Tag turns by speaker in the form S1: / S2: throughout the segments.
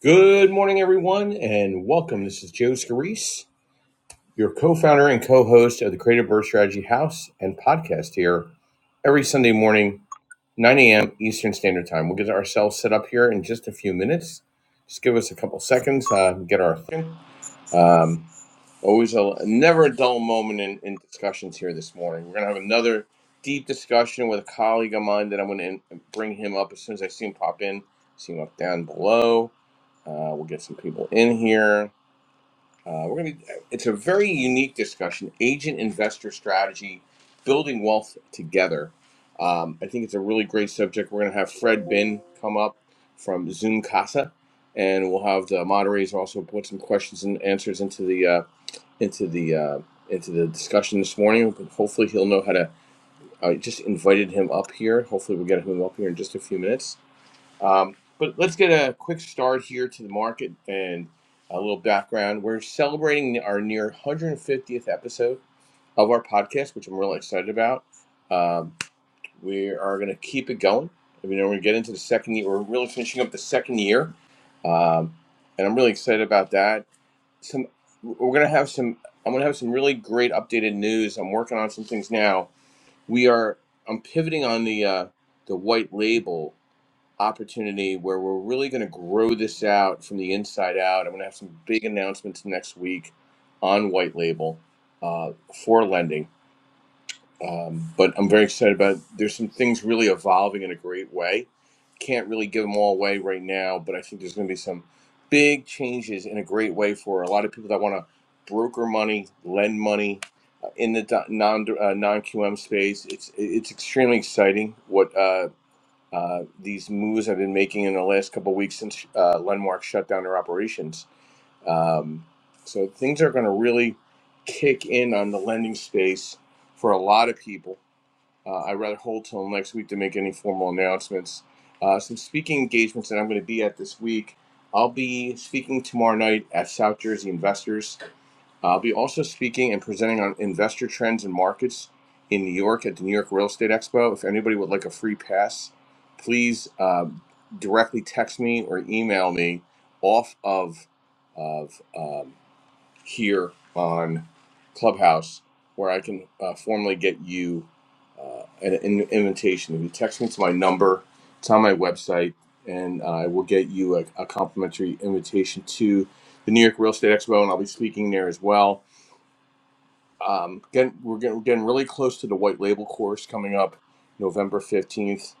S1: Good morning, everyone, and welcome. This is Joe Scarice, your co founder and co host of the Creative Birth Strategy House and podcast here every Sunday morning, 9 a.m. Eastern Standard Time. We'll get ourselves set up here in just a few minutes. Just give us a couple seconds, uh, get our. thing. Um, Always a never a dull moment in, in discussions here this morning. We're gonna have another deep discussion with a colleague of mine that I'm gonna in, bring him up as soon as I see him pop in. See him up down below. Uh, we'll get some people in here. Uh, we're gonna. It's a very unique discussion: agent investor strategy, building wealth together. Um, I think it's a really great subject. We're gonna have Fred Bin come up from Zoom Casa, and we'll have the moderators also put some questions and answers into the uh, into the uh, into the discussion this morning. Hopefully, he'll know how to. I uh, just invited him up here. Hopefully, we'll get him up here in just a few minutes. Um, but let's get a quick start here to the market and a little background. We're celebrating our near 150th episode of our podcast, which I'm really excited about. Um, we are going to keep it going. I mean, we're going to get into the second year. We're really finishing up the second year. Um, and I'm really excited about that some we're gonna have some i'm gonna have some really great updated news i'm working on some things now we are i'm pivoting on the uh the white label opportunity where we're really gonna grow this out from the inside out i'm gonna have some big announcements next week on white label uh, for lending um, but I'm very excited about. It. There's some things really evolving in a great way. Can't really give them all away right now, but I think there's going to be some big changes in a great way for a lot of people that want to broker money, lend money uh, in the do- non uh, non QM space. It's it's extremely exciting what uh, uh, these moves I've been making in the last couple of weeks since uh, Lenmark shut down their operations. Um, so things are going to really kick in on the lending space for a lot of people uh, I'd rather hold till next week to make any formal announcements. Uh, some speaking engagements that I'm going to be at this week. I'll be speaking tomorrow night at South Jersey Investors. Uh, I'll be also speaking and presenting on investor trends and markets in New York at the New York Real Estate Expo. If anybody would like a free pass, please uh, directly text me or email me off of of um, here on Clubhouse where I can uh, formally get you uh, an, an invitation. If you text me to my number, it's on my website, and I will get you a, a complimentary invitation to the New York Real Estate Expo, and I'll be speaking there as well um, getting, we're getting, getting really close to the white label course coming up November 15th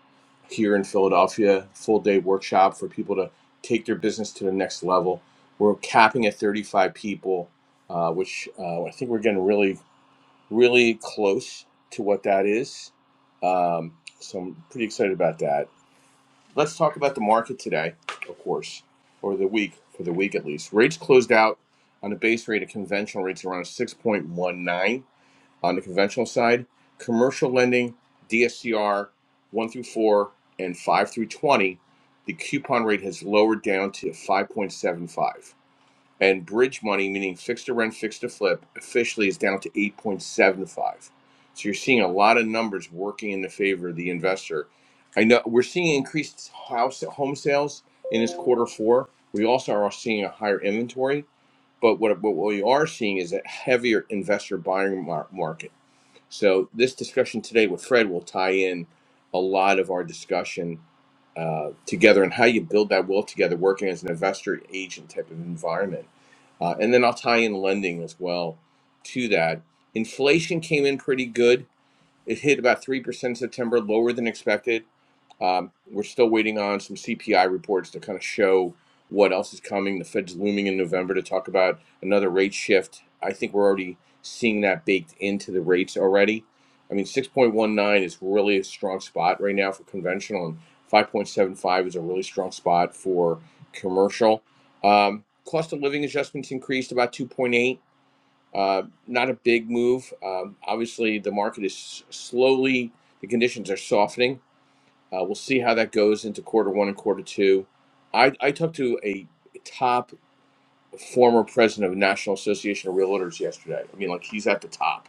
S1: here in Philadelphia. Full day workshop for people to take their business to the next level. We're capping at 35 people, uh, which uh, I think we're getting really, really close to what that is. Um, so I'm pretty excited about that. Let's talk about the market today, of course, or the week, for the week at least. Rates closed out on a base rate of conventional rates around 6.19 on the conventional side, commercial lending, DSCR 1 through 4 and 5 through 20, the coupon rate has lowered down to 5.75. And bridge money, meaning fixed to rent, fixed to flip, officially is down to 8.75. So you're seeing a lot of numbers working in the favor of the investor. I know we're seeing increased house home sales in this quarter four. We also are seeing a higher inventory, but what, what we are seeing is a heavier investor buying mar- market so this discussion today with Fred will tie in a lot of our discussion uh, together and how you build that will together, working as an investor agent type of environment. Uh, and then I'll tie in lending as well to that. Inflation came in pretty good it hit about 3% in September, lower than expected. Um, we're still waiting on some CPI reports to kind of show what else is coming. The Fed's looming in November to talk about another rate shift. I think we're already seeing that baked into the rates already. I mean, 6.19 is really a strong spot right now for conventional, and 5.75 is a really strong spot for commercial. Um, cost of living adjustments increased about 2.8 uh, not a big move. Um, obviously, the market is slowly, the conditions are softening. Uh, we'll see how that goes into quarter one and quarter two. I, I talked to a top former president of the National Association of Realtors yesterday. I mean, like he's at the top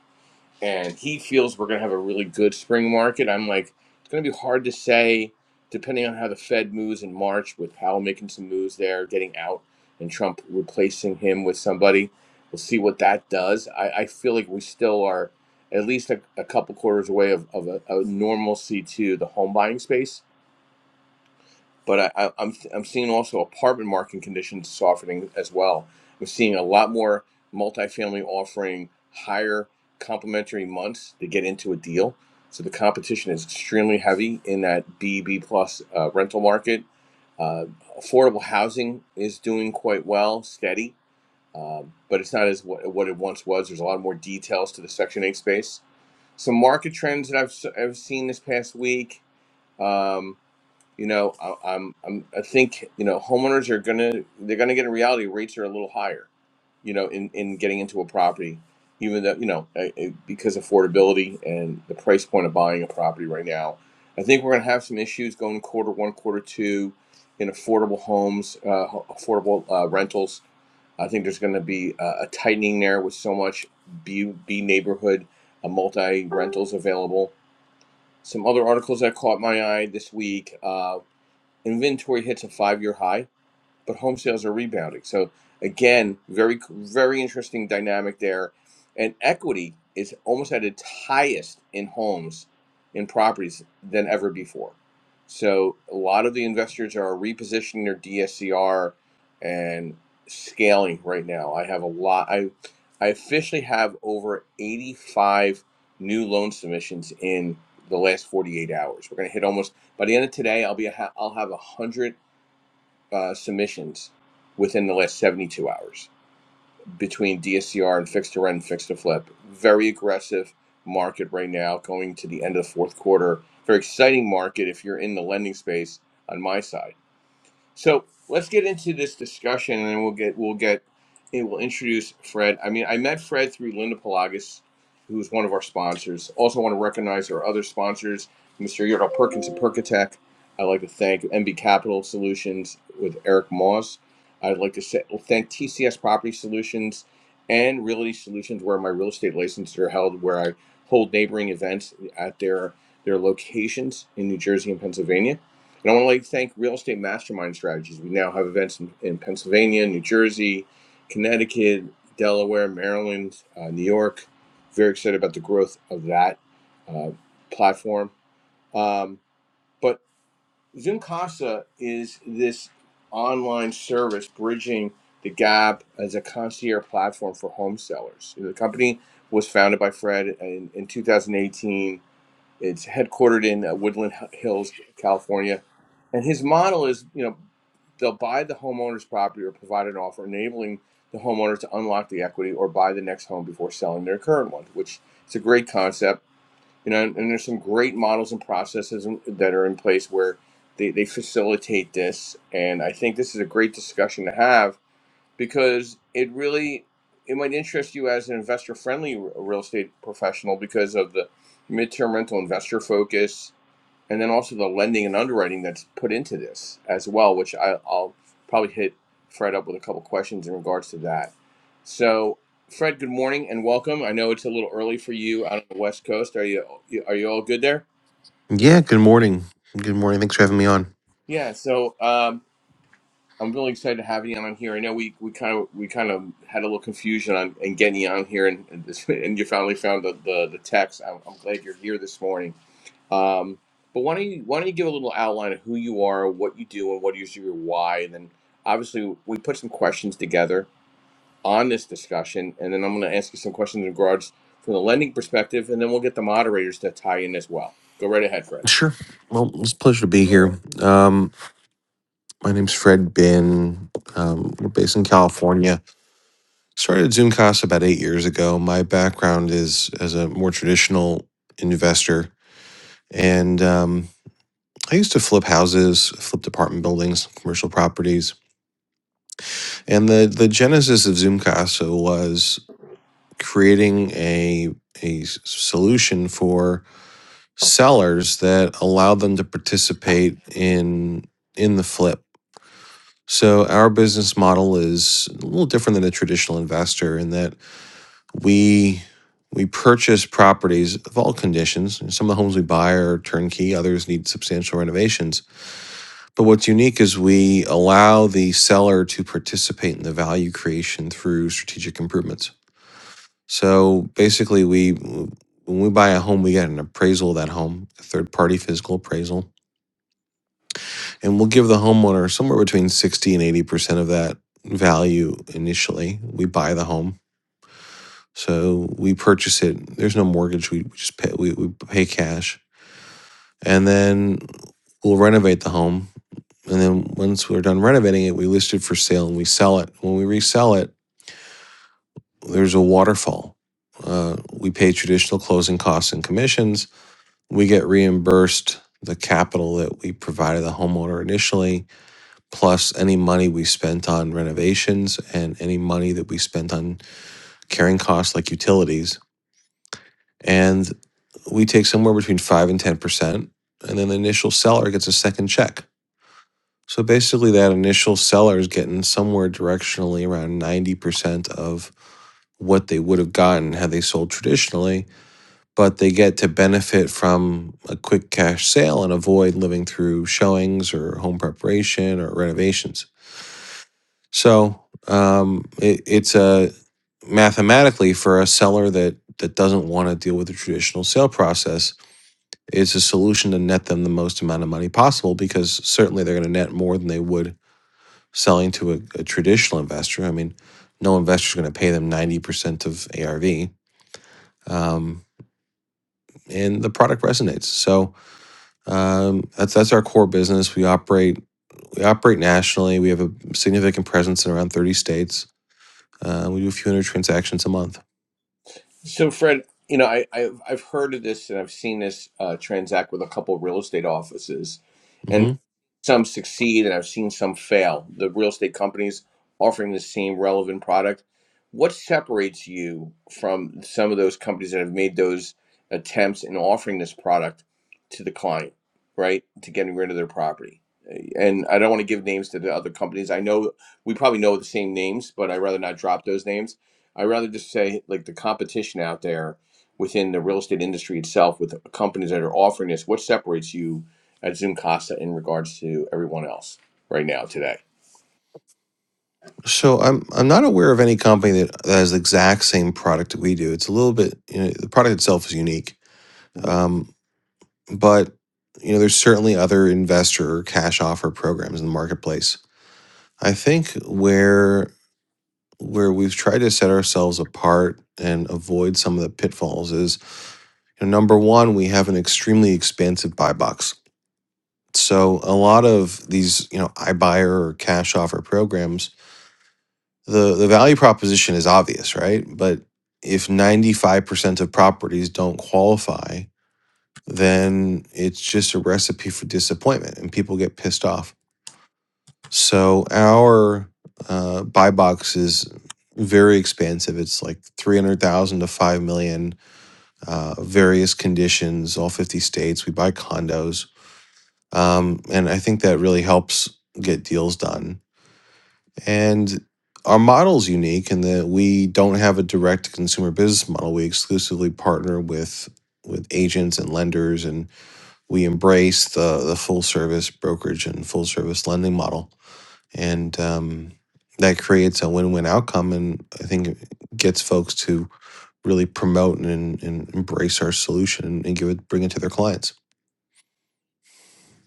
S1: and he feels we're going to have a really good spring market. I'm like, it's going to be hard to say, depending on how the Fed moves in March, with Powell making some moves there, getting out, and Trump replacing him with somebody. We'll see what that does. I, I feel like we still are at least a, a couple quarters away of, of a, a normalcy to the home buying space but I, I, I'm I'm seeing also apartment market conditions softening as well. I'm seeing a lot more multifamily offering higher complementary months to get into a deal. So the competition is extremely heavy in that B B plus uh, rental market. Uh, affordable housing is doing quite well, steady, um, but it's not as what, what it once was. There's a lot more details to the Section Eight space. Some market trends that I've i I've seen this past week. Um, you know I, i'm i'm i think you know homeowners are gonna they're gonna get in reality rates are a little higher you know in in getting into a property even though you know uh, uh, because affordability and the price point of buying a property right now i think we're gonna have some issues going quarter one quarter two in affordable homes uh, ho- affordable uh, rentals i think there's gonna be a, a tightening there with so much b b neighborhood uh, multi rentals available some other articles that caught my eye this week. Uh, Inventory hits a five-year high but home sales are rebounding. So again, very very interesting dynamic there. And equity is almost at its highest in homes in properties than ever before. So a lot of the investors are repositioning their DSCR and scaling right now. I have a lot I I officially have over 85 new loan submissions in the last 48 hours. We're going to hit almost by the end of today I'll be a ha- I'll have 100 uh, submissions within the last 72 hours between DSCR and fixed to rent and fixed to flip. Very aggressive market right now going to the end of the fourth quarter. Very exciting market if you're in the lending space on my side. So let's get into this discussion, and then we'll get we'll get and we'll introduce Fred. I mean, I met Fred through Linda Pelagas, who's one of our sponsors. Also, want to recognize our other sponsors, Mr. Yordle Perkins and Perkatech. I'd like to thank MB Capital Solutions with Eric Moss. I'd like to say, thank TCS Property Solutions and Realty Solutions, where my real estate licenses are held, where I hold neighboring events at their their locations in New Jersey and Pennsylvania. And I want to like thank Real Estate Mastermind Strategies. We now have events in, in Pennsylvania, New Jersey, Connecticut, Delaware, Maryland, uh, New York. Very excited about the growth of that uh, platform. Um, but Zoom Casa is this online service bridging the gap as a concierge platform for home sellers. You know, the company was founded by Fred in, in 2018 it's headquartered in uh, Woodland Hills, California, and his model is you know they'll buy the homeowner's property or provide an offer enabling the homeowner to unlock the equity or buy the next home before selling their current one, which is a great concept. You know, and, and there's some great models and processes in- that are in place where they, they facilitate this. And I think this is a great discussion to have because it really it might interest you as an investor friendly real estate professional because of the midterm rental investor focus and then also the lending and underwriting that's put into this as well which I, i'll probably hit fred up with a couple questions in regards to that so fred good morning and welcome i know it's a little early for you out on the west coast are you are you all good there
S2: Yeah, good morning. Good morning. Thanks for having me on.
S1: yeah so um, I'm really excited to have you on here. I know we we kind of we kind of had a little confusion on and getting you on here, and and, this, and you finally found the the, the text. I'm, I'm glad you're here this morning. Um, but why don't you why don't you give a little outline of who you are, what you do, and what is your why? And then obviously we put some questions together on this discussion, and then I'm going to ask you some questions in regards from the lending perspective, and then we'll get the moderators to tie in as well. Go right ahead, Fred.
S2: Sure. Well, it's a pleasure to be here. Um, my name's Fred Bin. Um, we're based in California. Started Zoomcast about eight years ago. My background is as a more traditional investor, and um, I used to flip houses, flip apartment buildings, commercial properties. And the the genesis of Zoomcast was creating a a solution for sellers that allowed them to participate in in the flip. So our business model is a little different than a traditional investor in that we we purchase properties of all conditions. Some of the homes we buy are turnkey, others need substantial renovations. But what's unique is we allow the seller to participate in the value creation through strategic improvements. So basically we when we buy a home, we get an appraisal of that home, a third party physical appraisal and we'll give the homeowner somewhere between 60 and 80% of that value initially we buy the home so we purchase it there's no mortgage we just pay we, we pay cash and then we'll renovate the home and then once we're done renovating it we list it for sale and we sell it when we resell it there's a waterfall uh, we pay traditional closing costs and commissions we get reimbursed the capital that we provided the homeowner initially plus any money we spent on renovations and any money that we spent on carrying costs like utilities. And we take somewhere between 5 and 10%. And then the initial seller gets a second check. So basically, that initial seller is getting somewhere directionally around 90% of what they would have gotten had they sold traditionally, but they get to benefit from a quick cash sale and avoid living through showings or home preparation or renovations. So um, it, it's a mathematically for a seller that that doesn't want to deal with the traditional sale process. It's a solution to net them the most amount of money possible because certainly they're going to net more than they would selling to a, a traditional investor. I mean, no investor's going to pay them ninety percent of ARV, um, and the product resonates. So um, that's that's our core business. We operate we operate nationally. We have a significant presence in around thirty states. Uh, we do a few hundred transactions a month.
S1: So, Fred, you know, I, I've I've heard of this and I've seen this uh, transact with a couple of real estate offices,
S2: hmm
S1: some succeed and I've seen some fail. The real estate companies offering the same relevant product. What separates you from some of those companies that have made those attempts in offering this product to the client, right? To getting rid of their property. And I don't want to give names to the other companies. I know we probably know the same names, but I'd rather not drop those names. I'd rather just say like the competition out there within the real estate industry itself with companies that are offering this. What separates you at Zoom in regards to everyone else right now today.
S2: So I'm I'm not aware of any company that, that has the exact same product that we do. It's a little bit you know, the product itself is unique,
S1: hmm
S2: um, but you know there's certainly other investor or cash offer programs in the marketplace. I think where where we've tried to set ourselves apart and avoid some of the pitfalls is you know, number one we have an extremely expansive buy box. So a lot of these you know iBuyer or cash offer programs the the value proposition is obvious, right? But if 95% of properties don't qualify, then it's just a recipe for disappointment and people get pissed off. So our uh, buy box is very expansive. It's like 300,000 to 5 million, uh, various conditions, all 50 states. We buy condos. Um, and I think that really helps get deals done And our model is unique in that we don't have a direct consumer business model. We exclusively partner with with agents and lenders, and we embrace the the full service brokerage and full service lending model. And um, that creates a win win outcome, and I think it gets folks to really promote and, and embrace our solution and give it bring it to their clients.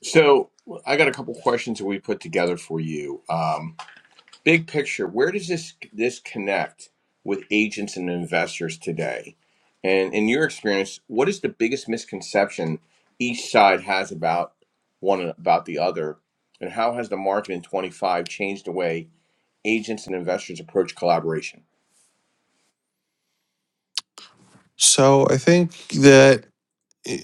S1: So I got a couple questions that we put together for you. Um, big picture, where does this this connect with agents and investors today? And in your experience, what is the biggest misconception each side has about one and about the other, and how has the market in 25 changed the way agents and investors approach collaboration?
S2: So I think that eh,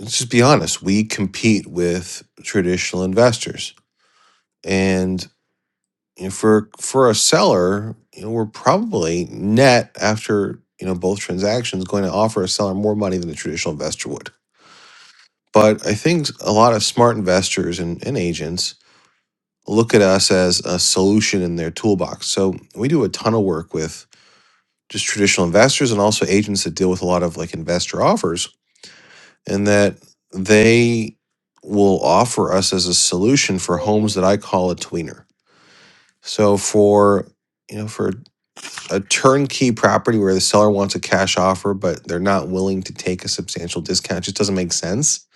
S2: let's just be honest, we compete with traditional investors and you know, for for a seller, you know, we're probably net after you know both transactions going to offer a seller more money than a traditional investor would. But I think a lot of smart investors and, and agents look at us as a solution in their toolbox. So we do a ton of work with just traditional investors and also agents that deal with a lot of like investor offers, and that they will offer us as a solution for homes that I call a tweener. So for you know for a turnkey property where the seller wants a cash offer, but they're not willing to take a substantial discount. It just doesn't make sense.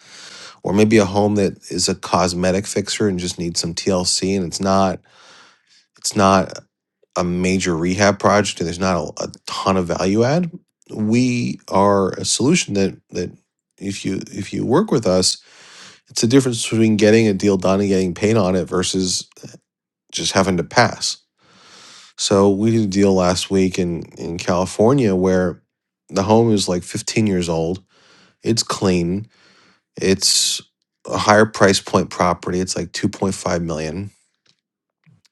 S2: Or maybe a home that is a cosmetic fixer and just needs some TLC and it's not it's not a major rehab project and there's not a, a ton of value add. We are a solution that that if you if you work with us, it's the difference between getting a deal done and getting paid on it versus just having to pass So we did a deal last week in in California where the home is like 15 years old. It's clean. It's a higher price point property. It's like 2.5 million, dollars.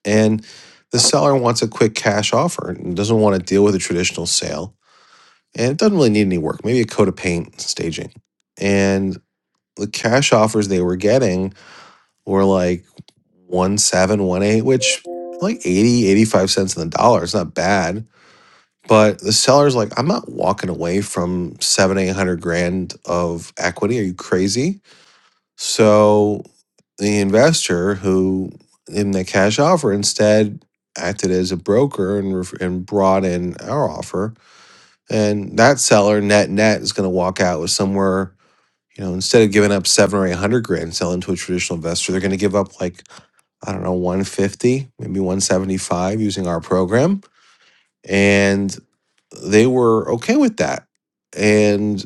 S2: and the seller wants a quick cash offer and doesn't want to deal with a traditional sale. And it doesn't really need any work. Maybe a coat of paint, staging, and the cash offers they were getting were like one seven, one eight, which like 80, 85 cents on the dollar. It's not bad But the seller's like, I'm not walking away from seven, eight hundred grand of equity. Are you crazy? So the investor who in the cash offer instead acted as a broker and ref- and brought in our offer, and that seller net net is going to walk out with somewhere. You know, instead of giving up seven or eight hundred grand selling to a traditional investor, they're going to give up like I don't know, one fifty, maybe one seventy five using our program, and they were okay with that. And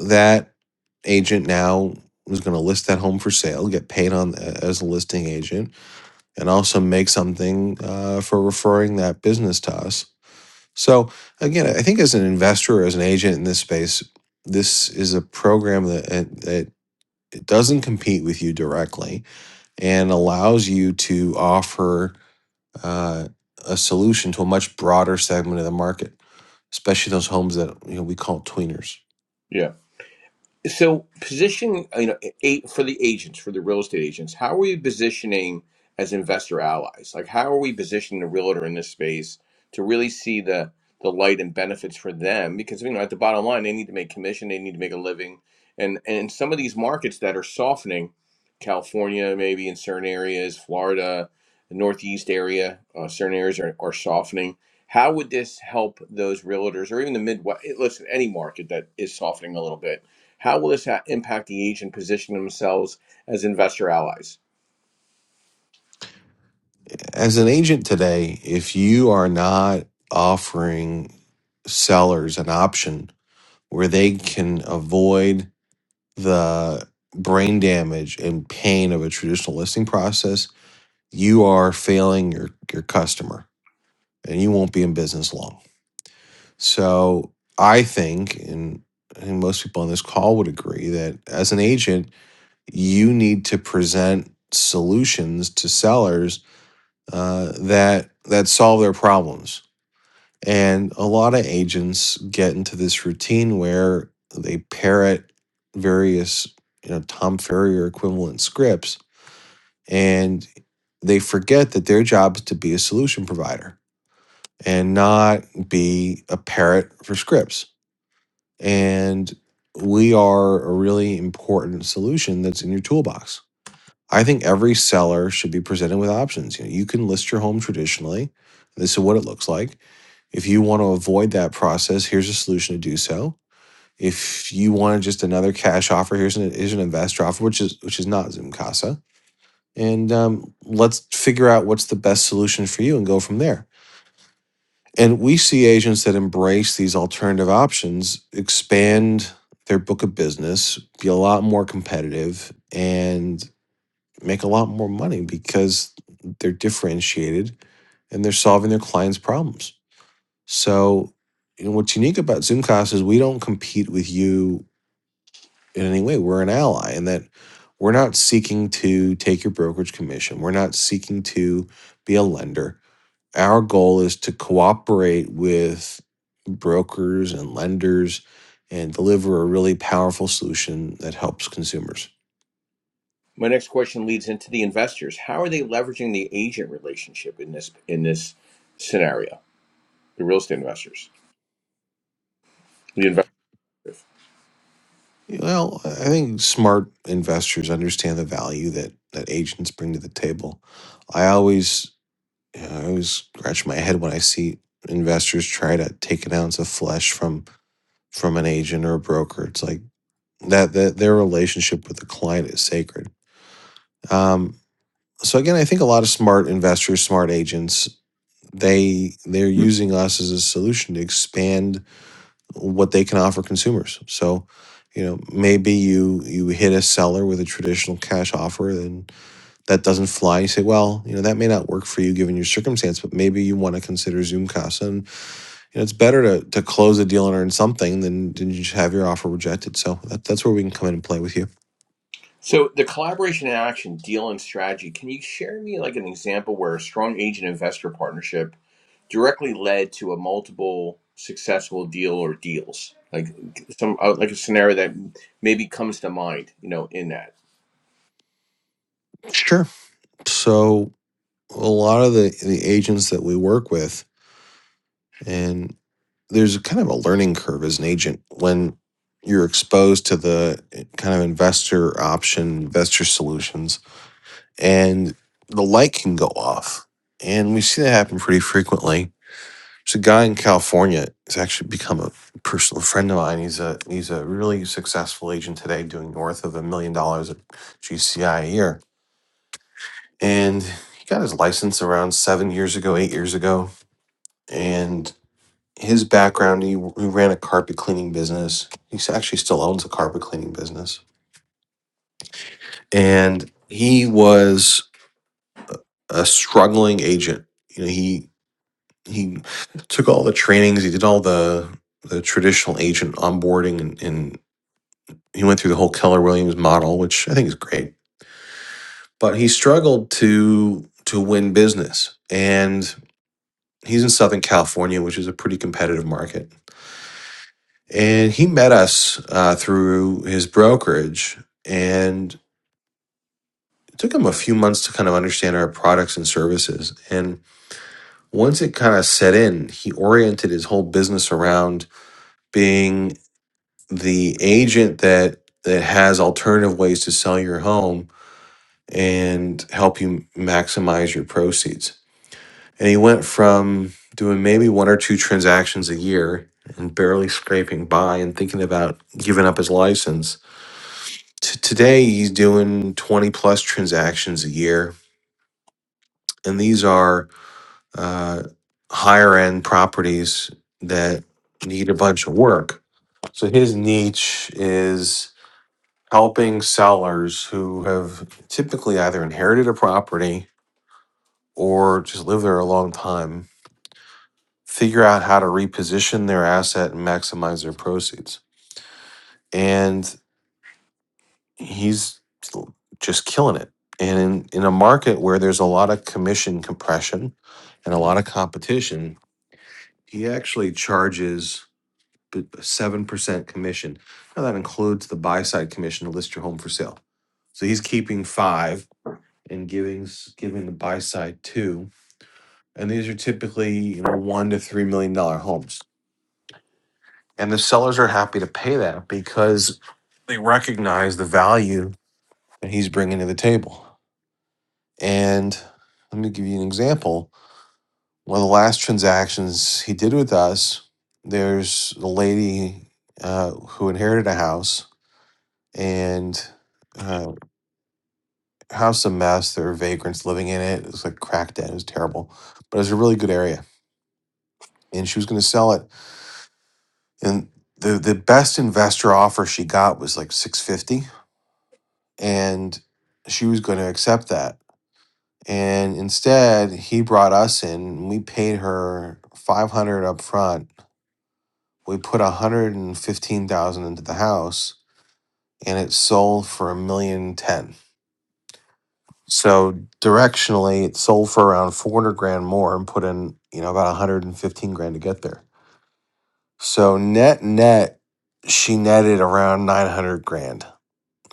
S2: that agent now is going to list that home for sale, get paid on uh, as a listing agent, and also make something uh, for referring that business to us. So again, I think as an investor or as an agent in this space, this is a program that uh, that it doesn't compete with you directly and allows you to offer uh, a solution to a much broader segment of the market, especially those homes that you know we call tweeners.
S1: So positioning, you know, eight for the agents, for the real estate agents, how are we positioning as investor allies? Like, how are we positioning the realtor in this space to really see the the light and benefits for them? Because you know, at the bottom line, they need to make commission, they need to make a living, and and in some of these markets that are softening, California maybe in certain areas, Florida, the Northeast area, uh, certain areas are, are softening. How would this help those realtors, or even the Midwest? Listen, any market that is softening a little bit how will this impact the agent positioning themselves as investor allies?
S2: As an agent today, if you are not offering sellers an option where they can avoid the brain damage and pain of a traditional listing process, you are failing your your customer and you won't be in business long. So I think and and most people on this call would agree that as an agent you need to present solutions to sellers uh, that that solve their problems. And a lot of agents get into this routine where they parrot various, you know, Tom Ferrier equivalent scripts, and they forget that their job is to be a solution provider and not be a parrot for scripts. And we are a really important solution that's in your toolbox I think every seller should be presented with options. You know, you can list your home traditionally. This is what it looks like. If you want to avoid that process, here's a solution to do so. If you want just another cash offer, here's an, here's an investor offer, which is which is not Zoomcasa. And um, let's figure out what's the best solution for you and go from there. And we see agents that embrace these alternative options expand their book of business, be a lot more competitive, and make a lot more money because they're differentiated and they're solving their clients' problems. So, you know, what's unique about Zoomcast is we don't compete with you in any way. We're an ally in that we're not seeking to take your brokerage commission. We're not seeking to be a lender. Our goal is to cooperate with brokers and lenders and deliver a really powerful solution that helps consumers.
S1: My next question leads into the investors. How are they leveraging the agent relationship in this in this scenario? The real estate investors, the investors.
S2: Well, I think smart investors understand the value that that agents bring to the table. I always, you know, I always scratch my head when I see investors try to take an ounce of flesh from from an agent or a broker. It's like that that their relationship with the client is sacred. Um, so again, I think a lot of smart investors, smart agents, they they're using us as a solution to expand what they can offer consumers. So, you know, maybe you you hit a seller with a traditional cash offer and that doesn't fly. You say, well, you know, that may not work for you given your circumstance, but maybe you want to consider Zoom Casa. And you know, it's better to to close a deal and earn something than than just have your offer rejected. So that, that's where we can come in and play with you.
S1: So the collaboration and action deal and strategy, can you share me like an example where a strong agent investor partnership directly led to a multiple successful deal or deals? Like some uh, like a scenario that maybe comes to mind, you know, in that.
S2: Sure. So a lot of the the agents that we work with and. there's kind of a learning curve as an agent when you're exposed to the eh, kind of investor option, investor solutions, and the light can go off. And we see that happen pretty frequently. There's a guy in California who's actually become a personal friend of mine. He's a he's a really successful agent today, doing north of a million dollars at GCI a year. And he got his license around seven years ago, eight years ago. And his background, he, he ran a carpet cleaning business. He actually still owns a carpet cleaning business. And he was a struggling agent. You know, he he took all the trainings, he did all the the traditional agent onboarding and, and he went through the whole Keller Williams model, which I think is great. But he struggled to to win business. And he's in Southern California, which is a pretty competitive market and he met us uh, through his brokerage and it took him a few months to kind of understand our products and services and once it kind of set in he oriented his whole business around being the agent that that has alternative ways to sell your home and help you maximize your proceeds and he went from doing maybe one or two transactions a year and barely scraping by and thinking about giving up his license T- today, he's doing 20 plus transactions a year. And these are uh, higher end properties that need a bunch of work. So his niche is helping sellers who have typically either inherited a property or just lived there a long time figure out how to reposition their asset and maximize their proceeds. And he's just killing it. And in, in a market where there's a lot of commission compression and a lot of competition, he actually charges b- seven percent commission. Now that includes the buy side commission to list your home for sale. So he's keeping five and giving s- giving the buy side two. And these are typically you know one to three million dollar homes. And the sellers are happy to pay that because they recognize the value that he's bringing to the table. And let me give you an example. One of the last transactions he did with us, there's a lady uh, who inherited a house and uh, house a mess. There were vagrants living in it. It was like cracked in. It was terrible, but it was a really good area. And she was going to sell it. And the the best investor offer she got was like six fifty, and she was going to accept that. And instead, he brought us in. and We paid her five hundred up front We put 115,000 into the house and it sold for a million ten. So directionally it sold for around 400 grand more and put in, you know, about 115 grand to get there. So net net she netted around 900 grand.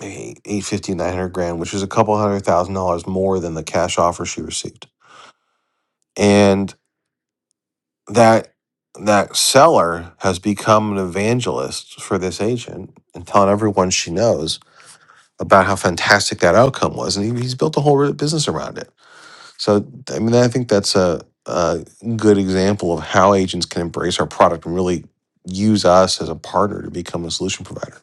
S2: maybe 850 grand, which is a couple hundred thousand dollars more than the cash offer she received. And that that seller has become an evangelist for this agent and telling everyone she knows about how fantastic that outcome was, and he, he's built a whole business around it. So, I mean, I think that's a, a good example of how agents can embrace our product and really use us as a partner to become a solution provider.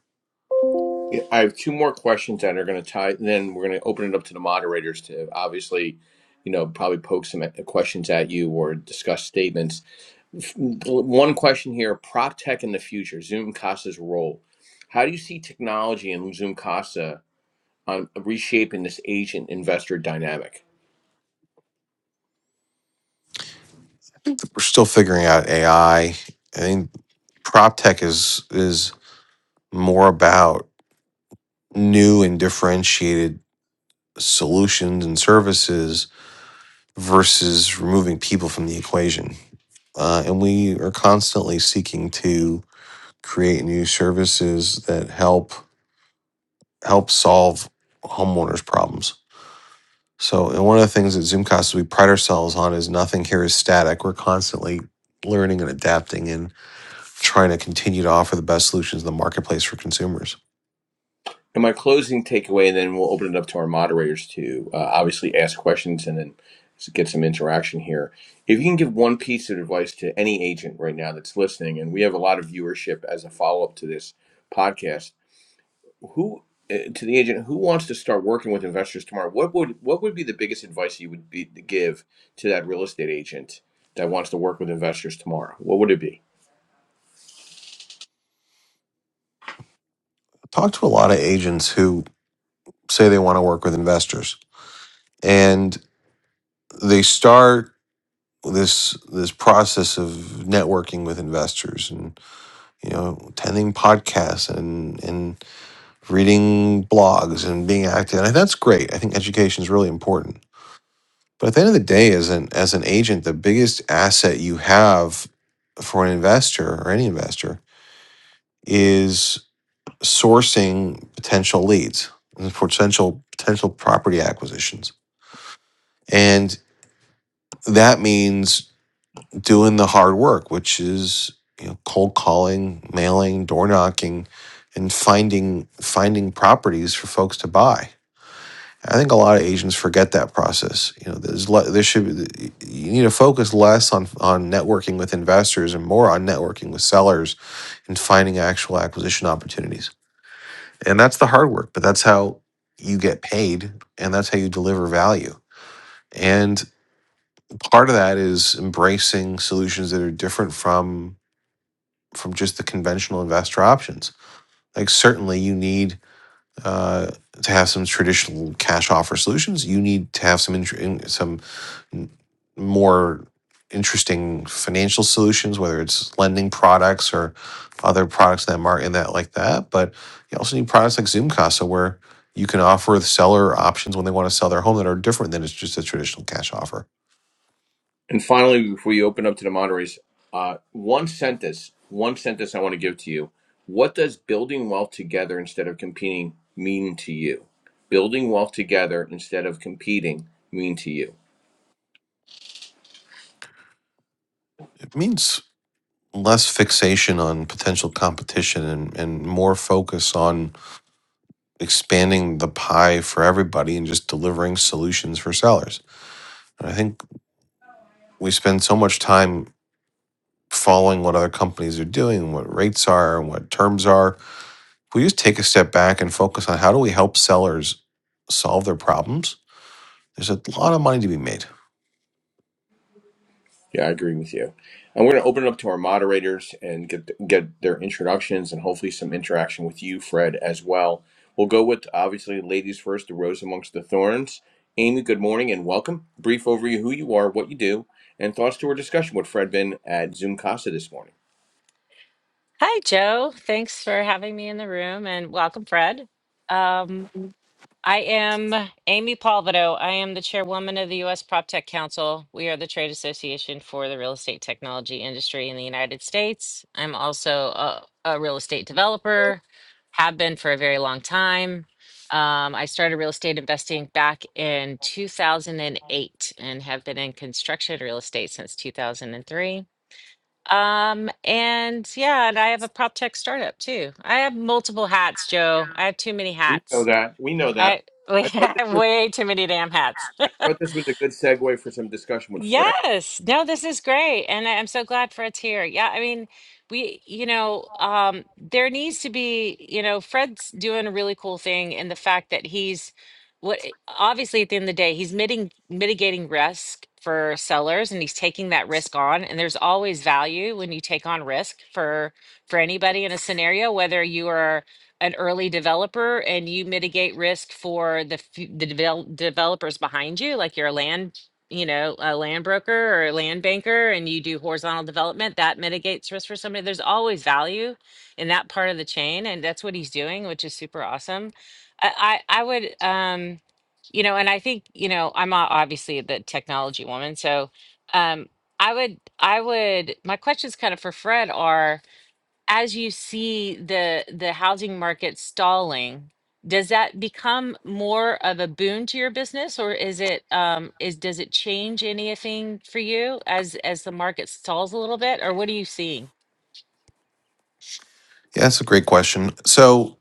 S1: Yeah, I have two more questions that are going to tie, and then we're going to open it up to the moderators to obviously, you know, probably poke some questions at you or discuss statements. One question here: prop tech in the future, Zoom Casa's role. How do you see technology and Zoom Casa on reshaping this agent investor dynamic?
S2: We're still figuring out AI. I I think prop tech is is more about new and differentiated solutions and services versus removing people from the equation. Uh, and we are constantly seeking to create new services that help help solve homeowners problems so and one of the things that zoomcast we pride ourselves on is nothing here is static we're constantly learning and adapting and trying to continue to offer the best solutions in the marketplace for consumers
S1: And my closing takeaway, and then we'll open it up to our moderators to uh, obviously ask questions and then get some interaction here. If you can give one piece of advice to any agent right now that's listening, and we have a lot of viewership as a follow up to this podcast, who uh, to the agent who wants to start working with investors tomorrow, what would what would be the biggest advice you would be to give to that real estate agent that wants to work with investors tomorrow? What would it be?
S2: I talk to a lot of agents who say they want to work with investors and they start this this process of networking with investors and you know attending podcasts and and reading blogs and being active. And that's great. I think education is really important. But at the end of the day, as an as an agent, the biggest asset you have for an investor or any investor is sourcing potential leads for potential potential property acquisitions. And that means doing the hard work, which is you know, cold calling, mailing, door knocking, and finding finding properties for folks to buy I think a lot of Asians forget that process. You know, there's le- there should be, you need to focus less on on networking with investors and more on networking with sellers and finding actual acquisition opportunities. And that's the hard work, but that's how you get paid and that's how you deliver value. And part of that is embracing solutions that are different from from just the conventional investor options. Like certainly you need uh, to have some traditional cash offer solutions. You need to have some intr- some n- more interesting financial solutions, whether it's lending products or other products that market in that like that. But you also need products like Zoom Casa where you can offer the seller options when they want to sell their home that are different than it's just a traditional cash offer.
S1: And finally, before you open up to the moderators, uh, one sentence, one sentence I want to give to you. What does building wealth together instead of competing mean to you? Building wealth together instead of competing mean to you?
S2: It means less fixation on potential competition and, and more focus on expanding the pie for everybody and just delivering solutions for sellers. And I think we spend so much time following what other companies are doing, what rates are, and what terms are. If we just take a step back and focus on how do we help sellers solve their problems, there's a lot of money to be made.
S1: Yeah, I agree with you. And we're going to open it up to our moderators and get get their introductions and hopefully some interaction with you, Fred, as well. We'll go with obviously ladies first, the rose amongst the thorns. Amy, good morning and welcome. Brief overview of who you are, what you do, and thoughts to our discussion with Fred Bin at Zoom Casa this morning.
S3: Hi, Joe. Thanks for having me in the room and welcome, Fred. Um, I am Amy Palvido. I am the chairwoman of the U.S. Prop Tech Council. We are the trade association for the real estate technology industry in the United States. I'm also a, a real estate developer, have been for a very long time. Um, I started real estate investing back in 2008 and have been in construction real estate since 2003. Um, and yeah, and I have a prop tech startup too. I have multiple hats, Joe. I have too many
S1: We know
S3: hats.
S1: that. We know that.
S3: I, I
S1: I thought this
S3: have
S1: was
S3: way too many damn hats.
S1: I thought this was a good segue for some discussion with Fred.
S3: Yes. No, this is great. And I, I'm so glad Fred's here. Yeah, I mean, we, you know, um, there needs to be, you know, Fred's doing a really cool thing in the fact that he's what eh, obviously at the end of the day, he's mitigating mitigating risk for sellers and he's taking that risk on. And there's always value when you take on risk for for anybody in a scenario, whether you are an early developer and you mitigate risk for the f- the devel developers behind you, like your land you know, a land broker or a land banker and you do horizontal development, that mitigates risk for somebody. There's always value in that part of the chain, and that's what he's doing, which is super awesome. I I, I would um, you know, and I think, you know, I'm o- obviously the technology woman, so um I would I would my questions kind of for Fred are as you see the the housing market stalling, does that become more of a boon to your business or is it um is does it change anything for you as as the market stalls a little bit or what are you seeing?
S2: Yeah, that's a great question. So,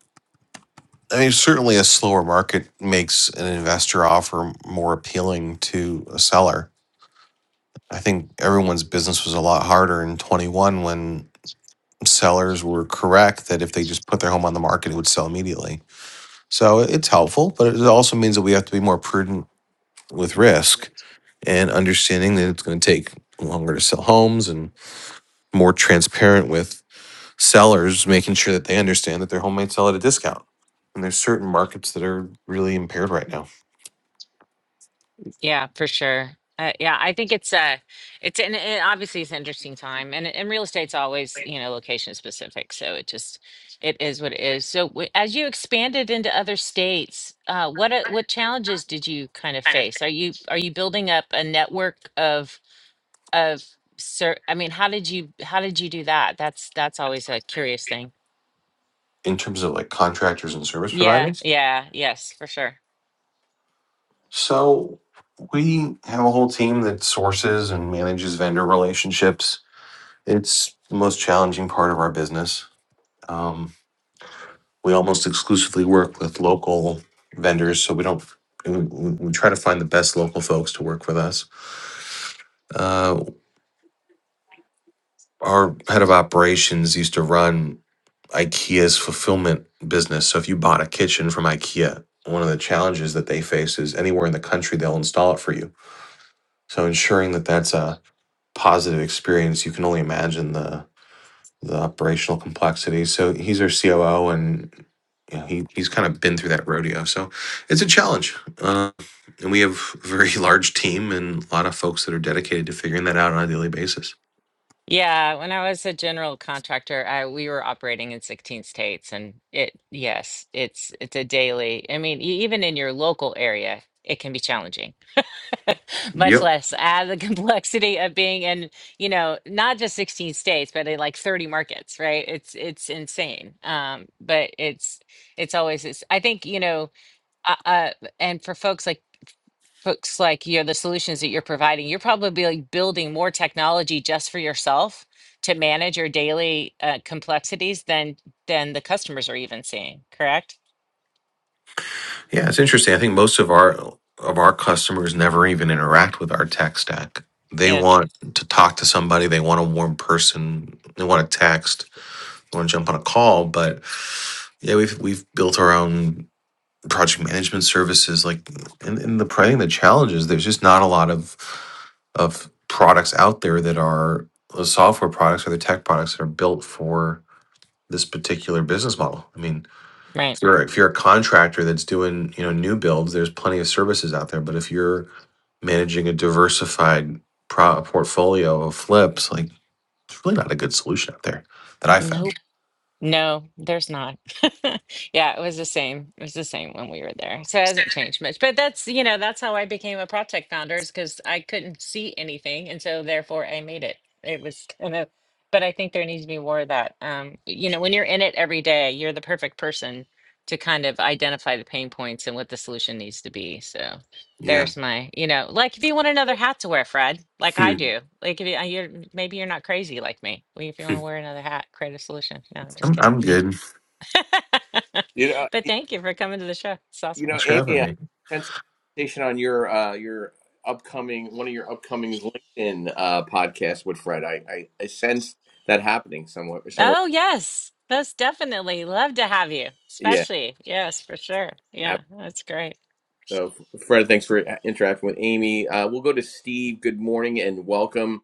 S2: I mean, certainly a slower market makes an investor offer more appealing to a seller. I think everyone's business was a lot harder in 21 when sellers were correct that if they just put their home on the market, it would sell immediately So it's helpful, but it also means that we have to be more prudent with risk and understanding that it's going to take longer to sell homes and more transparent with sellers, making sure that they understand that their home might sell at a discount. And there's certain markets that are really impaired right now
S3: Yeah, for sure. Uh, yeah, I think it's uh it's and it obviously it's an interesting time, and and real estate's always you know location specific, so it just it is what it is. So w- as you expanded into other states, uh, what uh, what challenges did you kind of face? Are you are you building up a network of of sir? I mean, how did you how did you do that? That's that's always a curious thing.
S2: in terms of like contractors and service
S3: Yeah,
S2: providers.
S3: yeah, yes, for sure.
S2: So we have a whole team that sources and manages vendor relationships. It's the most challenging part of our business. Um, we almost exclusively work with local vendors, so we don't. We, we we try to find the best local folks to work with us. Uh, our head of operations used to run IKEA's fulfillment business. So if you bought a kitchen from IKEA, one of the challenges that they face is anywhere in the country they'll install it for you. So ensuring that that's a positive experience, you can only imagine the the operational complexity. So he's our COO, and you know, he he's kind of been through that rodeo. So it's a challenge, uh, and we have a very large team and a lot of folks that are dedicated to figuring that out on a daily basis.
S3: Yeah, when I was a general contractor, I we were operating in 16 states and it yes, it's it's a daily. I mean, e- even in your local area, it can be challenging. Much
S2: Yep.
S3: less add the complexity of being in, you know, not just 16 states, but in like 30 markets, right? It's it's insane. Um, but it's it's always it's I think, you know, uh, uh and for folks like looks like you're the solutions that you're providing you're probably like building more technology just for yourself to manage your daily uh, complexities than than the customers are even seeing correct
S2: Yeah, it's interesting. I think most of our of our customers never even interact with our tech stack. They
S3: yeah
S2: want to talk to somebody. They want a warm person. They want to text. They want to jump on a call. But yeah, we've we've built our own. project management services like and, and the i think the challenge is there's just not a lot of of products out there that are the software products or the tech products that are built for this particular business model i mean
S3: right
S2: if you're if you're a contractor that's doing you know new builds there's plenty of services out there but if you're managing a diversified pro- portfolio of flips like it's really not a good solution out there that i found
S3: No No, there's not. Yeah, it was the same. It was the same when we were there. So it hasn't changed much. But that's, you know, that's how I became a project founder is because I couldn't see anything. And so therefore I made it. It was kind of, but I think there needs to be more of that. Um, you know, when you're in it every day, you're the perfect person to kind of identify the pain points and what the solution needs to be. So.
S2: yeah
S3: There's my, you know, like if you want another hat to wear, Fred, like I
S2: Hmm.
S3: do. Like if you, uh, you're maybe you're not crazy like me. Well, if you want
S2: Hmm.
S3: to wear another hat, create a solution. No, I'm just
S2: I'm,
S3: kidding.
S2: I'm good
S1: You know,
S3: But thank you for coming to the show. It's
S1: You
S3: awesome.
S1: know,
S2: thanks for having
S1: Amy, I
S2: me
S1: sense a conversation on your uh, your upcoming one of your upcoming LinkedIn uh, podcasts with Fred. I, I I sense that happening somewhere somewhere.
S3: Oh yes, most definitely. Love to have you,
S1: Yeah.
S3: especially. Yes, for sure. Yeah,
S1: ab-
S3: that's great.
S1: So, Fred, thanks for uh, interacting with Amy. Uh, we'll go to Steve. Good morning and welcome.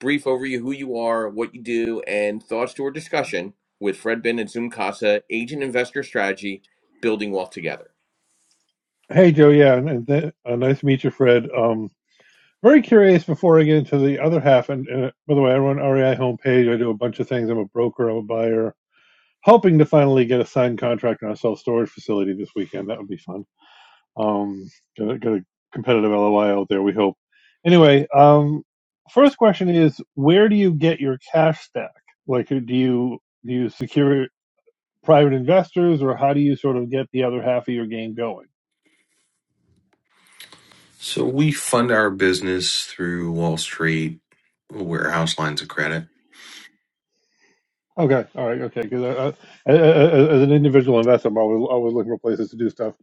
S1: Brief overview: who you are, what you do, and thoughts to our discussion with Fred Bin and Zoom Casa, Agent Investor Strategy, building wealth together.
S4: Hey, Joe. Yeah, and, and th- uh, nice to meet you, Fred. Um, very curious. Before I get into the other half, and, and uh, by the way, I run REI homepage. I do a bunch of things. I'm a broker. I'm a buyer. Hoping to finally get a signed contract on a self storage facility this weekend. That would be fun. Um, got a, got a competitive LOI out there. We hope. Anyway, um, first question is, where do you get your cash stack? Like, do you do you secure private investors, or how do you sort of get the other half of your game going?
S2: So we fund our business through Wall Street warehouse lines of credit.
S4: Okay. All right. Okay. Because uh, uh, uh, uh, uh, as an individual investor, I'm always always looking for places to do stuff.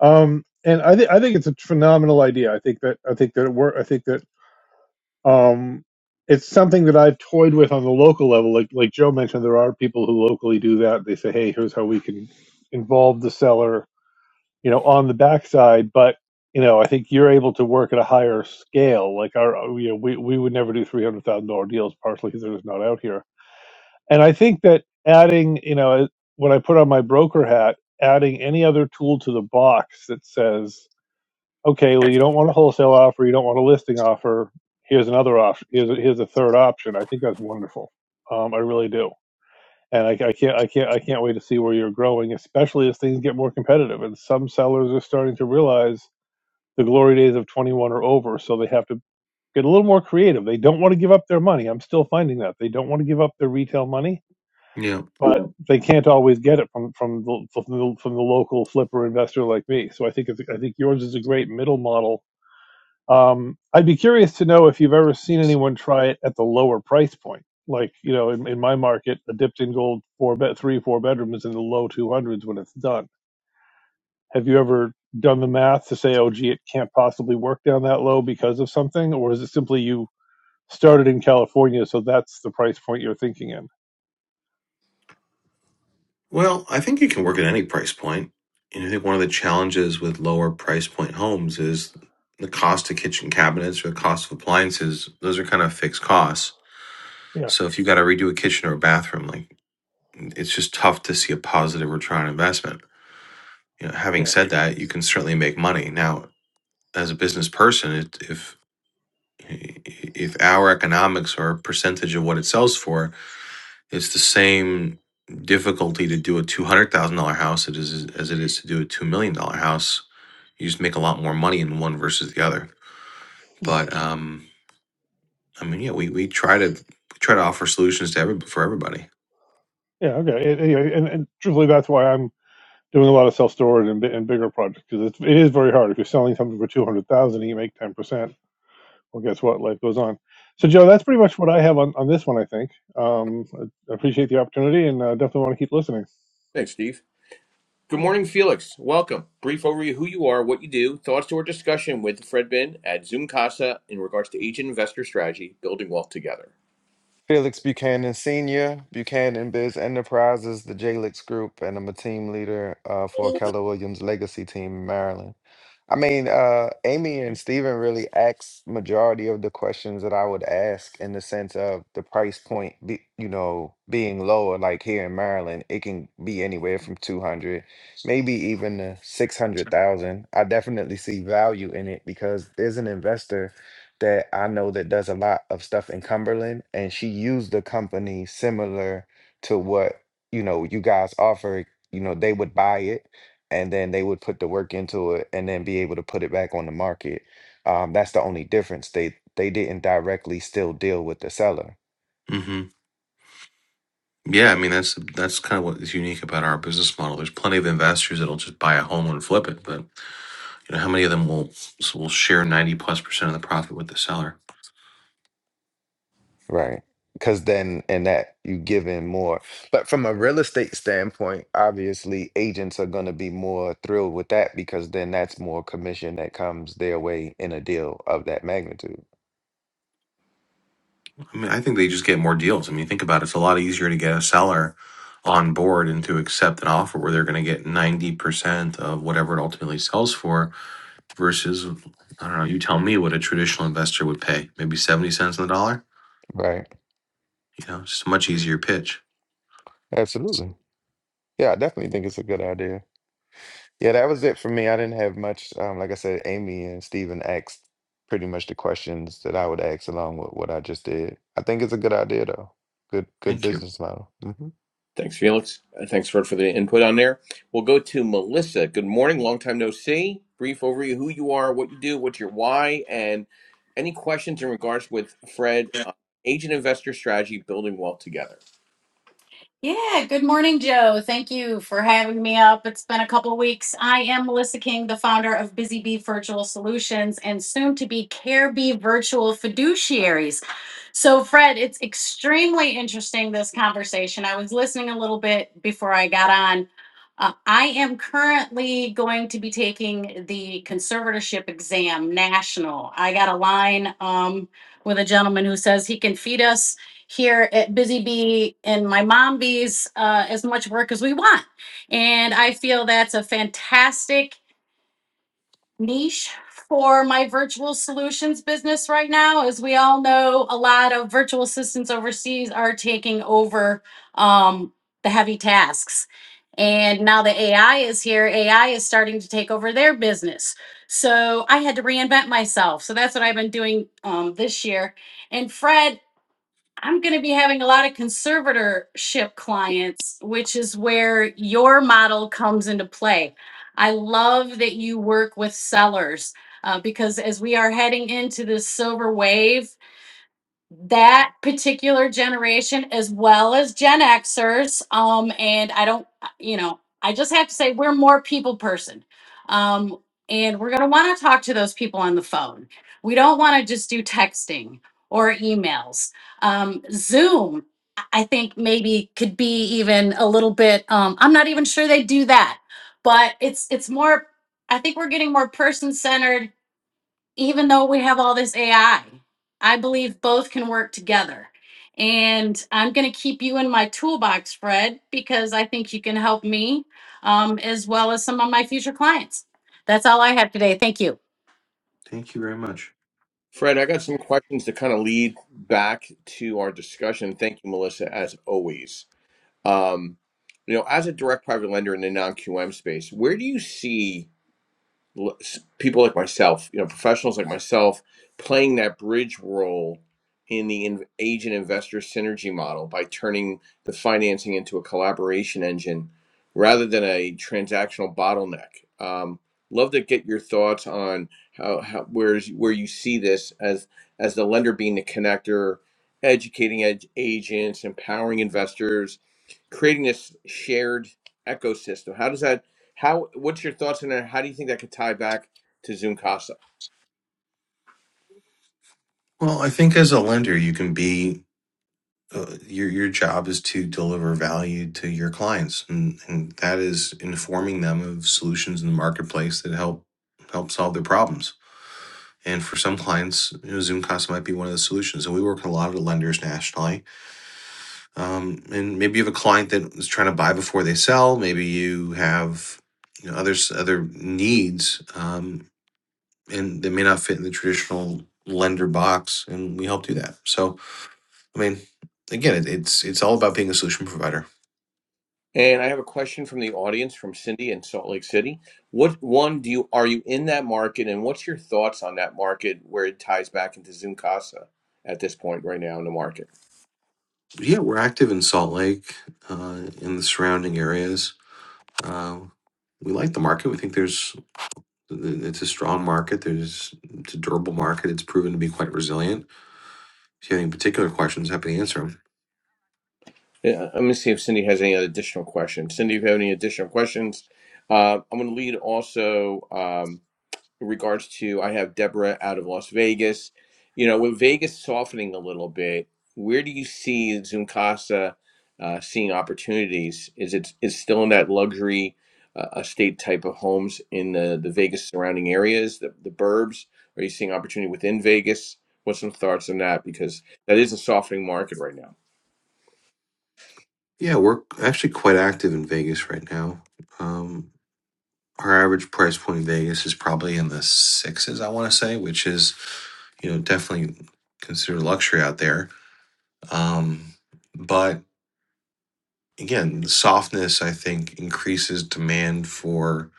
S4: Um, and I think I think it's a phenomenal idea. I think that I think that it work. I think that um, it's something that I've toyed with on the local level. Like like Joe mentioned, there are people who locally do that. They say, hey, here's how we can involve the seller, you know, on the backside. But you know, I think you're able to work at a higher scale. Like our, you know, we we would never do three hundred thousand dollar deals, partially because they're just not out here and I think that adding, you know, when I put on my broker hat, adding any other tool to the box that says, okay, well, you don't want a wholesale offer, you don't want a listing offer, here's another option, here's a, here's a third option. I think that's wonderful. Um, I really do. And I, I can't, I can't, I can't wait to see where you're growing, especially as things get more competitive. And some sellers are starting to realize the glory days of 21 are over, so they have to get a little more creative. They don't want to give up their money. I'm still finding that they don't want to give up their retail money
S2: Yeah.
S4: but they can't always get it from from the, from the from the local flipper investor like me. So I think it's, I think yours is a great middle model. Um, I'd be curious to know if you've ever seen anyone try it at the lower price point. Like you know, in, in my market, a dipped in gold four bed three four bedroom is in the low two hundreds when it's done. Have you ever done the math to say, oh gee, it can't possibly work down that low because of something, or is it simply you started in California, so that's the price point you're thinking in?
S2: Well, I think you can work at any price point. And I think one of the challenges with lower price point homes is the cost of kitchen cabinets or the cost of appliances. Those are kind of fixed costs.
S4: Yeah,
S2: So if you got to redo a kitchen or a bathroom, like it's just tough to see a positive return on investment. You know,
S4: yeah.
S2: having said that, you can certainly make money. Now, as a business person, it, if if our economics or a percentage of what it sells for, it's the same difficulty to do a two hundred thousand dollar house it is as it is to do a two million dollar house. You just make a lot more money in one versus the other.
S4: Yeah.
S2: But um, I mean, yeah, we, we try to we try to offer solutions to every for everybody.
S4: Yeah. Okay. And, anyway, and, and truthfully, that's why I'm doing a lot of self storage and, bi- and bigger projects because it's it is very hard. If you're selling something for two hundred thousand, and you make ten percent. Well, guess what? Life goes on. So, Joe, that's pretty much what I have on, on this one. I think. Um, I I appreciate the opportunity and uh, definitely want to keep listening.
S1: Thanks, Steve. Good morning, Felix. Welcome. Brief overview of who you are, what you do, thoughts to our discussion with Fred Bin at Zoom Casa in regards to agent investor strategy, building wealth together.
S5: Felix Buchanan Sr., Buchanan Biz Enterprises, the JLix Group, and I'm a team leader uh, for Keller Williams Legacy Team in Maryland. I mean, uh, Amy and Steven really asked majority of the questions that I would ask in the sense of the price point, be, you know, being lower. Like here in Maryland, it can be anywhere from two hundred, maybe even to six hundred thousand. I definitely see value in it because there's an investor that I know that does a lot of stuff in Cumberland, and she used a company similar to what you know you guys offer. You know, they would buy it, and then they would put the work into it, and then be able to put it back on the market. Um, that's the only difference. They they didn't directly still deal with the seller
S2: hmm Yeah, I mean that's that's kind of what is unique about our business model. There's plenty of investors that'll just buy a home and flip it, but You know, how many of them will will share ninety plus percent of the profit with the seller?
S5: Right. Because then, in that, you give in more. But from a real estate standpoint, obviously, agents are going to be more thrilled with that because then that's more commission that comes their way in a deal of that magnitude.
S2: I mean, I think they just get more deals. I mean, think about it. It's a lot easier to get a seller on board and to accept an offer where they're going to get 90% of whatever it ultimately sells for versus, I don't know, you tell me what a traditional investor would pay, maybe 70 cents on the dollar.
S5: Right.
S2: You know, it's just a much easier pitch.
S5: Absolutely. Yeah, I definitely think it's a good idea. Yeah, that was it for me. I didn't have much. Um, like I said, Amy and Steven asked pretty much the questions that I would ask along with what I just did. I think it's a good idea, though. Good, good
S2: Thank you.
S5: business model. Mhm.
S1: Thanks, Felix. Uh, Thanks, Fred, for the input on there. We'll go to Melissa. Good morning. Long time no see. Brief overview of who you are, what you do, what's your why, and any questions in regards with Fred, uh, agent investor strategy, building wealth together.
S6: Yeah, good morning, Joe. Thank you for having me up. It's been a couple weeks. I am Melissa King, the founder of Busy Bee Virtual Solutions and soon to be Care Bee Virtual Fiduciaries. So, Fred, it's extremely interesting this conversation. I was listening a little bit before I got on. Uh, I am currently going to be taking the conservatorship exam national. I got a line um, with a gentleman who says he can feed us here at Busy Bee and my mom bees uh, as much work as we want. And I feel that's a fantastic niche for my virtual solutions business right now. As we all know, a lot of virtual assistants overseas are taking over um, the heavy tasks. And now that AI is here, AI is starting to take over their business. So I had to reinvent myself. So that's what I've been doing um, this year. And Fred I'm going to be having a lot of conservatorship clients, which is where your model comes into play. I love that you work with sellers uh, because as we are heading into this silver wave, that particular generation as well as Gen Xers. Um, and I don't, uh, you know, I just have to say we're more people person. Um, and we're going to want to talk to those people on the phone. We don't want to just do texting or emails. Um, Zoom, I I think maybe could be even a little bit, um, I'm not even sure they do that, but it's, it's more, I think we're getting more person centered even though we have all this AI, I I believe both can work together. And I'm going to keep you in my toolbox, Fred, because I think you can help me um, as well as some of my future clients. That's all I have today. Thank you.
S2: Thank you very much.
S1: Fred, I got some questions to kind of lead back to our discussion. Thank you, Melissa, as always. Um, you know, as a direct private lender in the non-QM space, where do you see? people like myself, you know, professionals like myself, playing that bridge role in the in, agent investor synergy model by turning the financing into a collaboration engine rather than a transactional bottleneck. Um, love to get your thoughts on how, how where's where you see this as as the lender being the connector, educating ed- agents, empowering investors creating this shared ecosystem. How does that? How? What's your thoughts on that? How do you think that could tie back to Zoom
S2: Well, I think as a lender, you can be uh, your your job is to deliver value to your clients, and, and that is informing them of solutions in the marketplace that help help solve their problems. And for some clients, you know, Zoom costs might be one of the solutions. And we work with a lot of the lenders nationally. Um, and maybe you have a client that is trying to buy before they sell. Maybe you have you know others other needs. Um, and they may not fit in the traditional lender box and we help do that so i mean again it, it's it's all about being a solution provider
S1: And I have a question from the audience from Cindy in Salt Lake City. What one do you are you in that market, and what's your thoughts on that market where it ties back into Zoom at this point right now in the market?
S2: yeah we're active in salt lake uh, in the surrounding areas uh, we like the market we think there's it's a strong market there's it's a durable market it's proven to be quite resilient if you have any particular questions happy to answer them
S1: Yeah, I'm gonna see if Cindy has any other additional questions. Cindy, if you have any additional questions, uh, I'm gonna lead also. Um, in regards to I have Deborah out of Las Vegas. You know, with Vegas softening a little bit, where do you see Zoomkasa uh, seeing opportunities? Is it is still in that luxury uh, estate type of homes in the the Vegas surrounding areas, the the burbs? Are you seeing opportunity within Vegas? What's some thoughts on that? Because that is a softening market right now.
S2: yeah we're actually quite active in vegas right now Um, Our average price point in Vegas is probably in the sixes, I want to say, which is you know definitely considered luxury out there. Um, but again, the softness I think increases demand for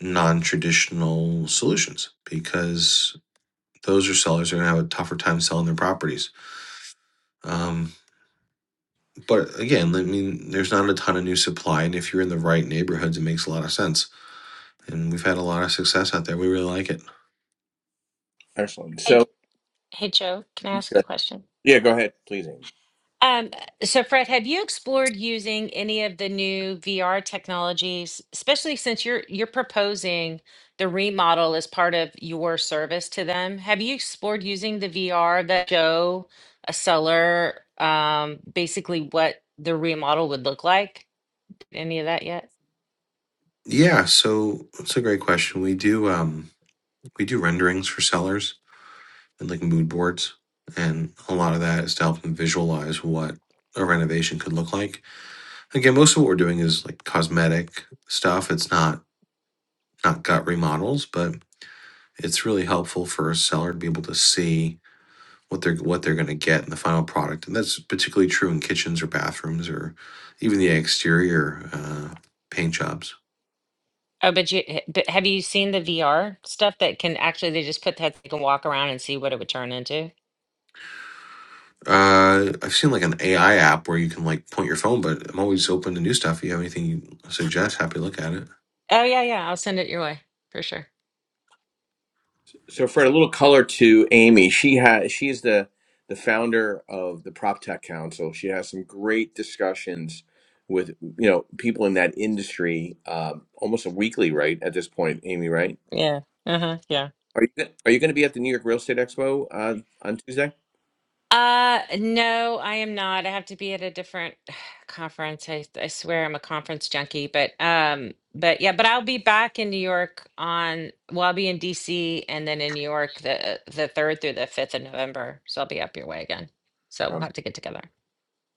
S2: non-traditional solutions because those are sellers are going to have a tougher time selling their properties. Um, but again, I mean, there's not a ton of new supply, and if you're in the right neighborhoods, it makes a lot of sense. And we've had a lot of success out there. We really like it.
S1: Excellent.
S3: Hey,
S1: So
S3: hey, Joe, can I ask a question?
S1: yeah, go ahead, please, Amy.
S3: Um, so Fred, have you explored using any of the new VR technologies, especially since you're you're proposing the remodel as part of your service to them? Have you explored using the VR that show a seller um, basically what the remodel would look like? Any of that yet?
S2: Yeah, so that's a great question. We do um we do renderings for sellers and like mood boards, and a lot of that is to help them visualize what a renovation could look like. Again, most of what we're doing is like cosmetic stuff. It's not not gut remodels, but it's really helpful for a seller to be able to see what they're what they're going to get in the final product, and that's particularly true in kitchens or bathrooms or even the exterior uh, paint jobs.
S3: Oh, but you eh, but have you seen the VR stuff that can actually they just put that they can walk around and see what it would turn into?
S2: Uh, I've seen like an AI app where you can like point your phone, but I'm always open to new stuff. If you have anything you suggest, happy to look at it.
S3: Oh yeah, yeah, I'll send it your way for sure.
S1: So, Fred, a little color to Amy. She has she is the the founder of the PropTech Council. She has some great discussions with you know people in that industry, um, almost a weekly, right? At this point, Amy, right?
S3: Yeah. Uh-huh. Yeah.
S1: Are you go- are you going to be at the New York Real Estate Expo uh, on Tuesday?
S3: Uh, no, I am not. I have to be at a different conference. I I swear I'm a conference junkie, but um, but yeah, but I'll be back in New York on, well, I'll be in DC and then in New York the the 3rd through the 5th of November. So I'll be up your way again. So we'll
S1: Um,
S3: have to get together.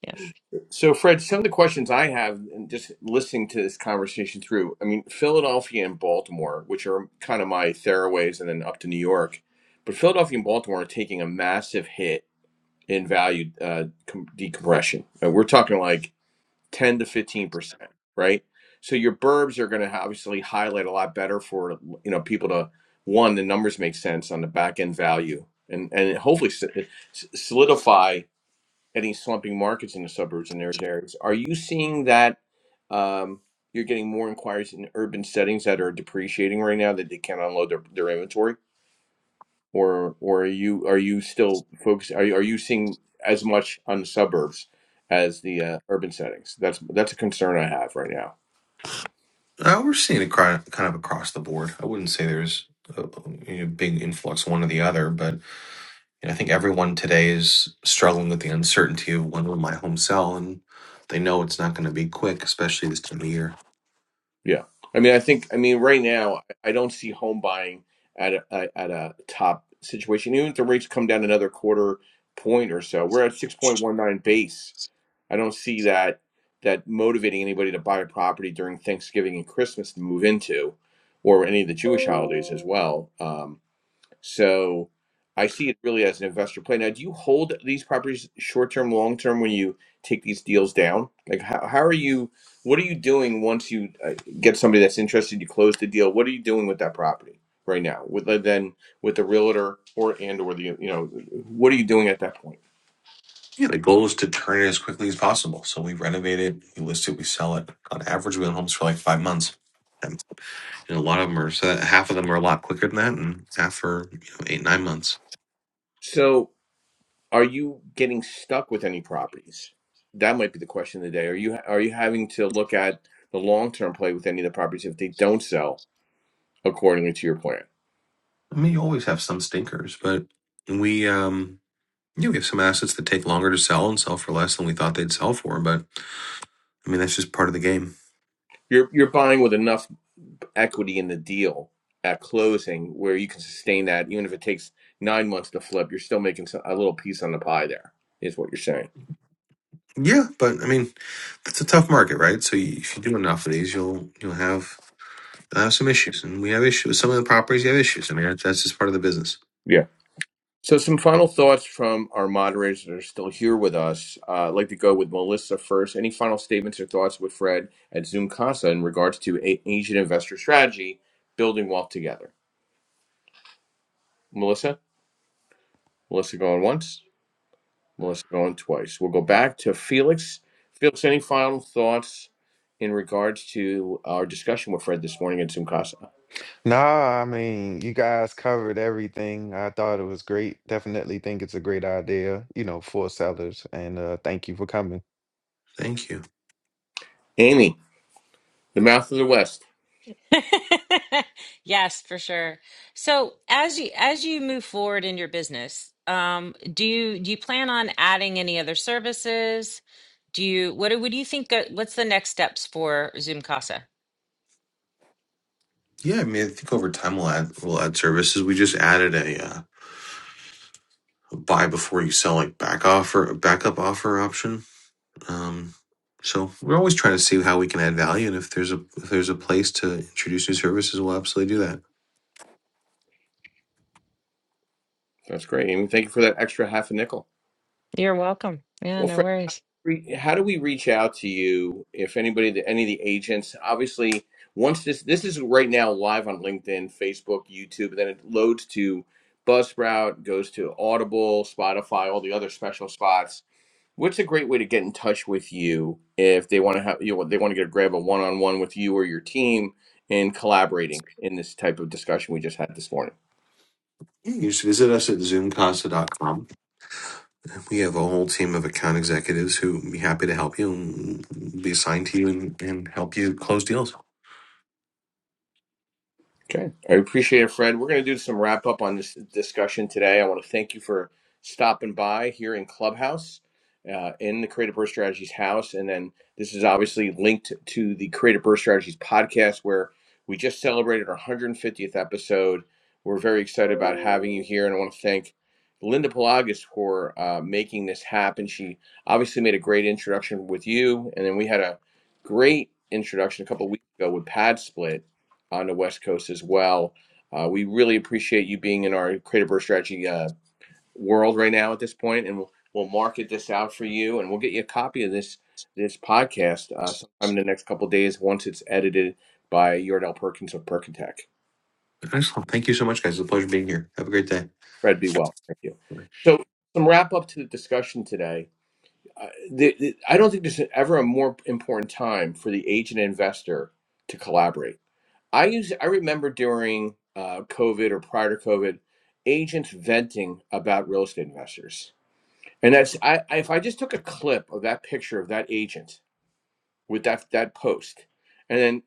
S3: Yes.
S1: so, Fred, some of the questions I have, and just listening to this conversation through, I mean, Philadelphia and Baltimore, which are kind of my theraways, and then up to New York, but Philadelphia and Baltimore are taking a massive hit in value uh, com- decompression. And we're talking like 10 to 15%, right? So your burbs are going to obviously highlight a lot better for, you know, people to one, the numbers make sense on the back end value and, and hopefully s- s- solidify any slumping markets in the suburbs and those areas. Are you seeing that um, you're getting more inquiries in urban settings that are depreciating right now that they can't unload their, their inventory? or or are you are you still focused? Are you, are you seeing as much on the suburbs as the uh, urban settings? That's that's a concern I have right now.
S2: Uh, we're seeing it cri- kind of across the board. I wouldn't say there's a, a big influx one or the other, but you know, I think everyone today is struggling with the uncertainty of when will my home sell, and they know it's not going to be quick, especially this time of year.
S1: Yeah, I mean, I think I mean right now I don't see home buying at a, a- at a top situation. Even if the rates come down another quarter point or so, we're at six point one nine base. I don't see that that motivating anybody to buy a property during Thanksgiving and Christmas to move into, or any of the Jewish holidays as well. Um, So I see it really as an investor play. Now, do you hold these properties short term, long term when you take these deals down? Like, how, how are you? What are you doing once you uh, get somebody that's interested? You close the deal. What are you doing with that property right now? With uh, then with the realtor or and or the you know what are you doing at that point?
S2: Yeah, the goal is to turn it as quickly as possible. So we renovate it, we list it, we sell it. On average, we own homes for like five months. And a lot of them are so half of them are a lot quicker than that, and half are you know, eight nine months.
S1: So, are you getting stuck with any properties? That might be the question of the day. Are you are you having to look at the long term play with any of the properties if they don't sell accordingly to your plan?
S2: I mean, you always have some stinkers, but we um yeah we have some assets that take longer to sell and sell for less than we thought they'd sell for. But I mean, that's just part of the game.
S1: You're you're buying with enough equity in the deal at closing where you can sustain that, even if it takes nine months to flip. You're still making some, a little piece on the pie. There is what you're saying.
S2: Yeah, but I mean, that's a tough market, right? So you, if you do enough of these, you'll you'll have you'll have some issues, and we have issues with some of the properties. You have issues. I mean, that's that's just part of the business.
S1: Yeah. So some final thoughts from our moderators that are still here with us. Uh, I'd like to go with Melissa first. Any final statements or thoughts with Fred at Zoom Casa in regards to a- Asian investor strategy, building wealth together? Melissa, Melissa going once. Melissa going twice. We'll go back to Felix. Felix, any final thoughts in regards to our discussion with Fred this morning in Sumkasa?
S5: Nah, I mean, you guys covered everything. I thought it was great. Definitely think it's a great idea, you know, for sellers. And uh, thank you for coming.
S2: Thank you.
S1: Amy, the mouth of the West.
S3: Yes, for sure. So as you as you move forward in your business, um, do you do you plan on adding any other services? Do you what do what do you think uh, what's the next steps for Zoom Casa?
S2: Yeah, I mean, I think over time we'll add we'll add services. We just added a, uh, a buy before you sell, like back offer, backup offer option. Um, so we're always trying to see how we can add value, and if there's a if there's a place to introduce new services, we'll absolutely do that.
S1: That's great, Amy. Thank you for that extra half a nickel.
S3: You're welcome. Yeah,
S1: Well,
S3: no
S1: Fred,
S3: worries.
S1: re- how do we reach out to you if anybody, the- any of the agents? Obviously, once this this is right now live on LinkedIn, Facebook, YouTube, then it loads to Buzzsprout, goes to Audible, Spotify, all the other special spots What's a great way to get in touch with you if they want to have you know they want to get a grab a one on one with you or your team in collaborating in this type of discussion we just had this morning?
S2: Yeah, you just visit us at zoom casa dot com. We have a whole team of account executives who would be happy to help you and be assigned to you and, and help you close deals.
S1: Okay. I appreciate it, Fred. We're going to do some wrap up on this discussion today. I want to thank you for stopping by here in Clubhouse, uh, in the Creative Birth Strategies house. And then this is obviously linked to the Creative Birth Strategies podcast, where we just celebrated our 150th episode. We're very excited about having you here. And I want to thank Linda Pelagas for uh, making this happen. She obviously made a great introduction with you. And then we had a great introduction a couple of weeks ago with Pad Split on the West Coast as well. Uh, we really appreciate you being in our Creative Birth Strategy uh, world right now at this point, and we'll, we'll market this out for you, and we'll get you a copy of this this podcast uh, sometime in the next couple of days once it's edited by Yordell Perkins of Perkintech.
S2: Excellent. Thank you so much, guys. It's a pleasure being here. Have a great day.
S1: Fred, be well. Thank you. So, some wrap up to the discussion today. Uh, the, the, I don't think there's ever a more important time for the agent and investor to collaborate I use I remember during uh, COVID or prior to COVID, agents venting about real estate investors, and that's I, I if I just took a clip of that picture of that agent with that that post, and then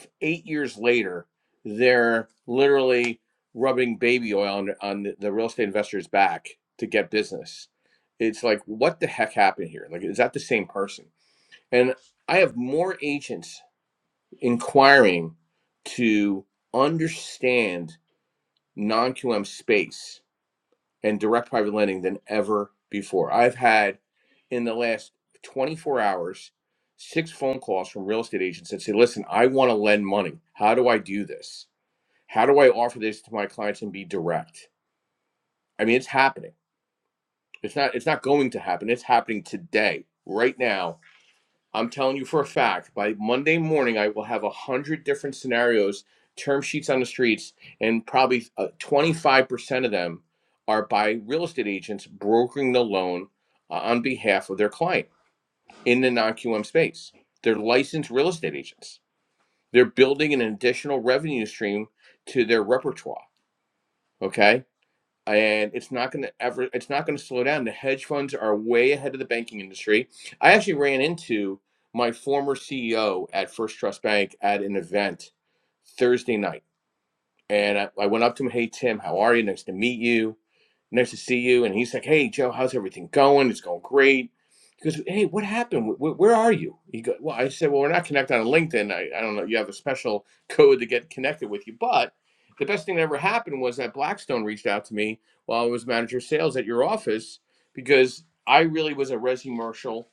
S1: f- eight years later, they're literally rubbing baby oil on on the, the real estate investor's back to get business. It's like what the heck happened here? Like is that the same person? And I have more agents inquiring to understand non QM space and direct private lending than ever before. I've had in the last 24 hours six phone calls from real estate agents that say, listen, I want to lend money. How do I do this? How do I offer this to my clients and be direct? I mean, it's happening. It's not it's not going to happen. It's happening today, right now I'm telling you for a fact, by Monday morning, I will have a hundred different scenarios, term sheets on the streets, and probably uh, 25% of them are by real estate agents brokering the loan uh, on behalf of their client in the non QM space. They're licensed real estate agents. They're building an additional revenue stream to their repertoire. Okay and it's not going to ever it's not going to slow down the hedge funds are way ahead of the banking industry i actually ran into my former ceo at first trust bank at an event thursday night and I, I went up to him, hey, Tim, how are you? Nice to meet you. Nice to see you. And he's like, hey, Joe, how's everything going? It's going great. He goes, hey, what happened? Wh- Where are you? He goes, well, I said, well, we're not connected on LinkedIn. I, I don't know. You have a special code to get connected with you. But the best thing that ever happened was that Blackstone reached out to me while I was manager of sales at your office because I really was a resi commercial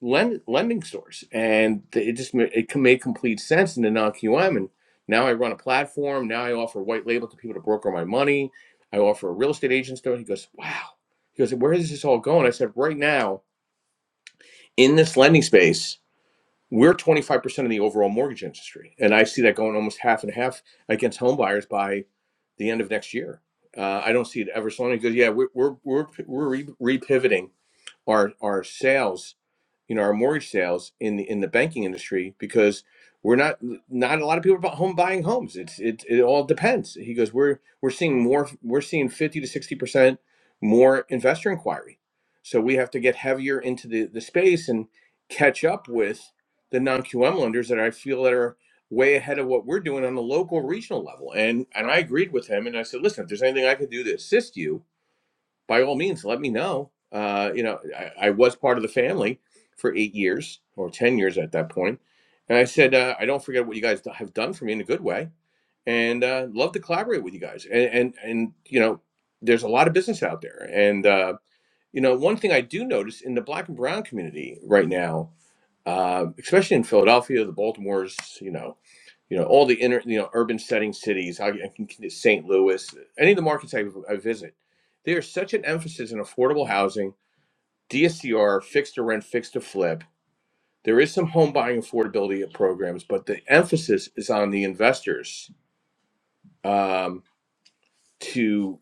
S1: lend, lending source, and it just it com- made complete sense in the non QM. And now I run a platform. Now I offer white label to people to broker my money. I offer a real estate agent store. He goes, "Wow." He goes, "Where is this all going?" I said, "Right now in this lending space." We're 25% of the overall mortgage industry. And I see that going almost half and half against home buyers by the end of next year. Uh, I don't see it ever slowing. He goes, yeah, we're, we're, we're, we're re- repivoting our our sales, you know, our mortgage sales in the in the banking industry because we're not not a lot of people are bu- home buying homes. It's it it all depends. He goes, we're we're seeing more. We're seeing fifty to sixty percent more investor inquiry. So we have to get heavier into the the space and catch up with the non QM lenders that I feel that are way ahead of what we're doing on the local regional level. And and I agreed with him and I said, listen, if there's anything I could do to assist you, by all means, let me know. Uh, you know, I, I was part of the family for eight years or 10 years at that point. And I said, uh, I don't forget what you guys have done for me in a good way and uh, love to collaborate with you guys. And, and, and, you know, there's a lot of business out there. And, uh, you know, one thing I do notice in the black and brown community right now uh, especially in Philadelphia, the Baltimore's, you know, you know, all the inner, you know, urban setting cities, I, I can, St. Louis, any of the markets I, I visit, there's such an emphasis in affordable housing, DSCR, fixed to rent, fixed to flip. There is some home buying affordability programs, but the emphasis is on the investors um, to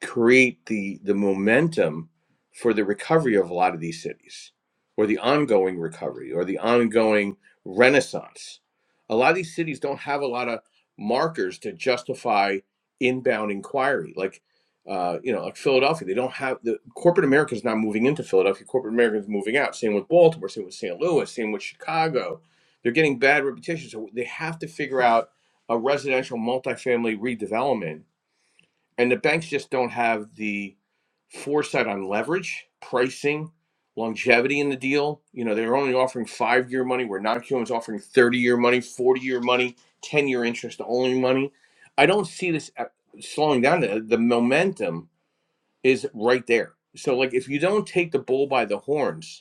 S1: create the the momentum for the recovery of a lot of these cities or the ongoing recovery or the ongoing renaissance a lot of these cities don't have a lot of markers to justify inbound inquiry like uh, you know like philadelphia they don't have the corporate america is not moving into philadelphia corporate america is moving out same with baltimore same with st louis same with chicago they're getting bad reputations so they have to figure out a residential multifamily redevelopment and the banks just don't have the foresight on leverage, pricing, longevity in the deal. You know, they're only offering five year money, where non-QM is offering 30 year money, 40 year money, 10 year interest only money. I don't see this uh, slowing down. The, the momentum is right there. So, like, if you don't take the bull by the horns,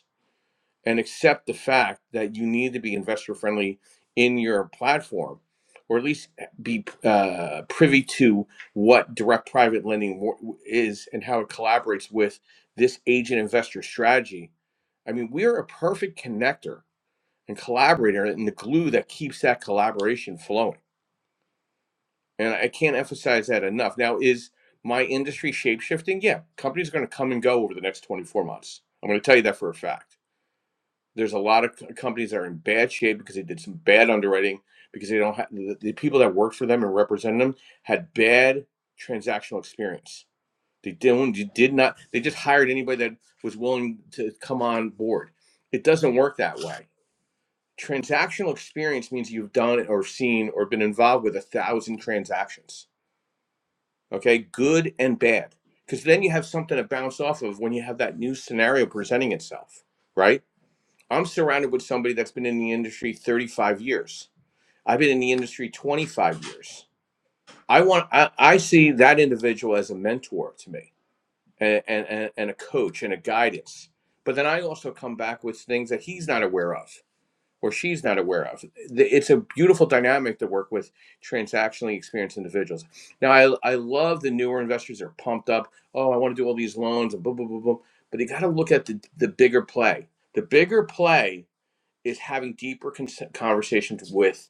S1: and accept the fact that you need to be investor friendly in your platform or at least be uh, privy to what direct private lending wo- is and how it collaborates with this agent investor strategy i mean we're a perfect connector and collaborator and the glue that keeps that collaboration flowing and i can't emphasize that enough now is my industry shape shifting yeah companies are going to come and go over the next 24 months i'm going to tell you that for a fact there's a lot of companies that are in bad shape because they did some bad underwriting because they don't have the, the people that work for them and represent them had bad transactional experience. They didn't. You did not. They just hired anybody that was willing to come on board. It doesn't work that way. Transactional experience means you've done or seen or been involved with a thousand transactions. Okay, good and bad because then you have something to bounce off of when you have that new scenario presenting itself, right? I'm surrounded with somebody that's been in the industry 35 years. I've been in the industry 25 years. I want I, I see that individual as a mentor to me and, and, and a coach and a guidance. But then I also come back with things that he's not aware of or she's not aware of. It's a beautiful dynamic to work with transactionally experienced individuals. Now I, I love the newer investors that are pumped up. Oh, I want to do all these loans and boom, boom, boom, boom. But you got to look at the, the bigger play. The bigger play is having deeper cons- conversations with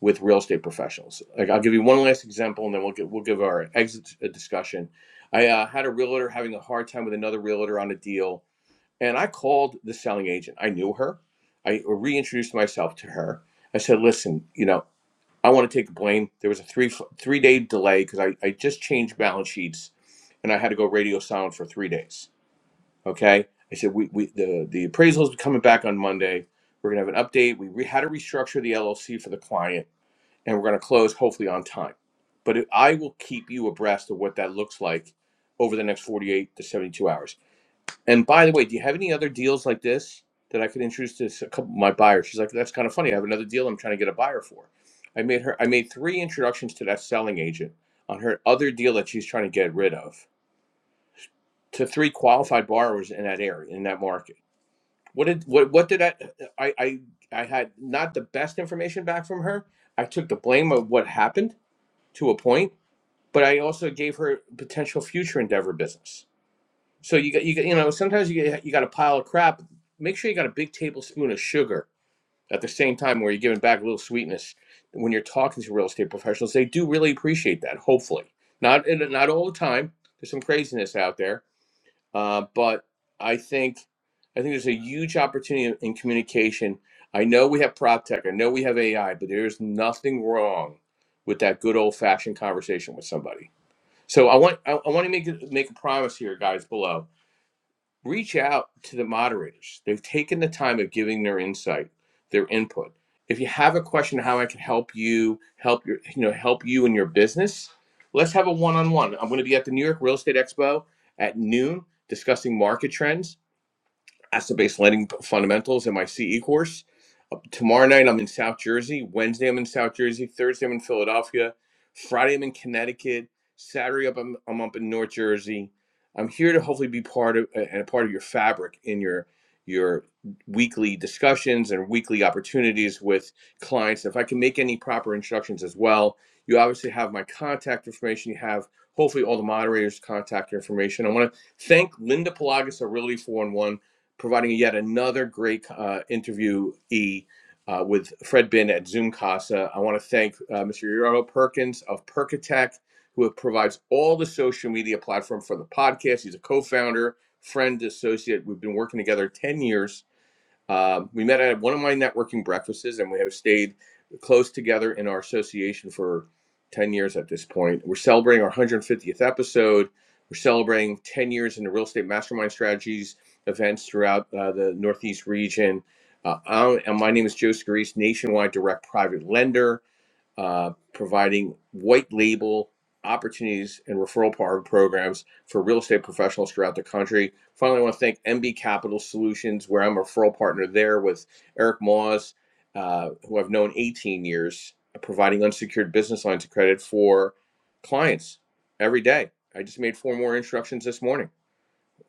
S1: with real estate professionals. Like I'll give you one last example, and then we'll get, we'll give our exit a discussion. I uh, had a realtor having a hard time with another realtor on a deal, and I called the selling agent. I knew her. I reintroduced myself to her. I said, "Listen, you know, I want to take the blame. There was a three three day delay because I, I just changed balance sheets, and I had to go radio silent for three days." Okay. I said, we, we the, the appraisal is coming back on Monday. We're going to have an update. We re- had to restructure the LLC for the client and we're going to close hopefully on time. But it, I will keep you abreast of what that looks like over the next 48 to 72 hours. And by the way, do you have any other deals like this that I could introduce to s- a couple my buyers? She's like, that's kind of funny. I have another deal I'm trying to get a buyer for. I made her, I made three introductions to that selling agent on her other deal that she's trying to get rid of to three qualified borrowers in that area, in that market what did what what did I I I I had not the best information back from her. I took the blame of what happened to a point, but I also gave her potential future endeavor business. So you got you got you know sometimes you get, you got a pile of crap. Make sure you got a big tablespoon of sugar at the same time where you're giving back a little sweetness when you're talking to real estate professionals. They do really appreciate that. Hopefully, not not all the time. There's some craziness out there uh, but I think I think there's a huge opportunity in in communication. I know we have prop tech, I know we have AI, but there's nothing wrong with that good old fashioned conversation with somebody. So I want I, I want to make make a promise here, guys below reach out to the moderators. They've taken the time of giving their insight, their input. If you have a question how I can help you, help your, you know, help you in your business, let's have a one-on-one. I'm going to be at the New York Real Estate Expo at noon discussing market trends asset-based lending fundamentals in my CE course. Uh, Tomorrow night I'm in South Jersey. Wednesday I'm in South Jersey. Thursday I'm in Philadelphia. Friday I'm in Connecticut. Saturday up I'm, I'm up in North Jersey. I'm here to hopefully be part of and a part of your fabric in your your weekly discussions and weekly opportunities with clients. If I can make any proper introductions as well, you obviously have my contact information. You have hopefully all the moderators' contact information. I want to thank Linda Pelagos of Realty four One providing yet another great uh, interviewee uh, with Fred Bin at Zoom Casa. I want to thank uh, Mr. Yaro Perkins of Perkatech, who provides all the social media platform for the podcast. He's a co founder, friend, associate. We've been working together 10 years um, we met at one of my networking breakfasts, and we have stayed close together in our association for 10 years at this point. We're celebrating our 150th episode. We're celebrating 10 years in the real estate mastermind strategies events throughout uh, the Northeast region. Uh, I'm- and my name is Joe Scarice, nationwide direct private lender uh, providing white label opportunities and referral programs for real estate professionals throughout the country. Finally, I want to thank MB Capital Solutions, where I'm a referral partner there with Eric Moss, uh, who I've known 18 years, providing unsecured business lines of credit for clients every day. I just made four more introductions this morning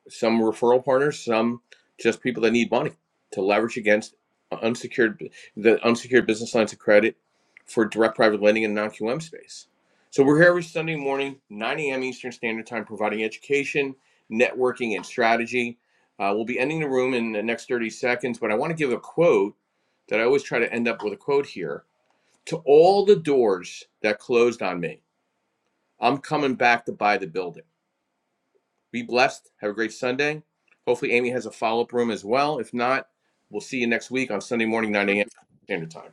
S1: some referral partners, some just people that need money to leverage against unsecured the unsecured business lines of credit for direct private lending and non-QM space. So we're here every Sunday morning, 9 a.m. Eastern Standard Time, providing education, networking, and strategy. Uh, we'll be ending the room in the next 30 seconds, but I want to give a quote that I always try to end up with a quote here. To all the doors that closed on me, I'm coming back to buy the building. Be blessed. Have a great Sunday. Hopefully, Amy has a follow up room as well. If not, we'll see you next week on Sunday morning, 9 a.m. Standard Time.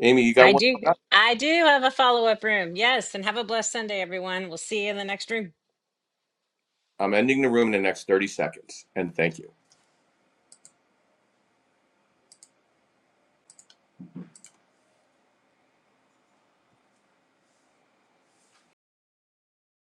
S1: Amy, you got
S3: I
S1: one
S3: do
S1: coming up?
S3: I do have a follow-up room. Yes, and have a blessed Sunday, everyone. We'll see you in the next room.
S1: I'm ending the room in the next 30 seconds. And thank you.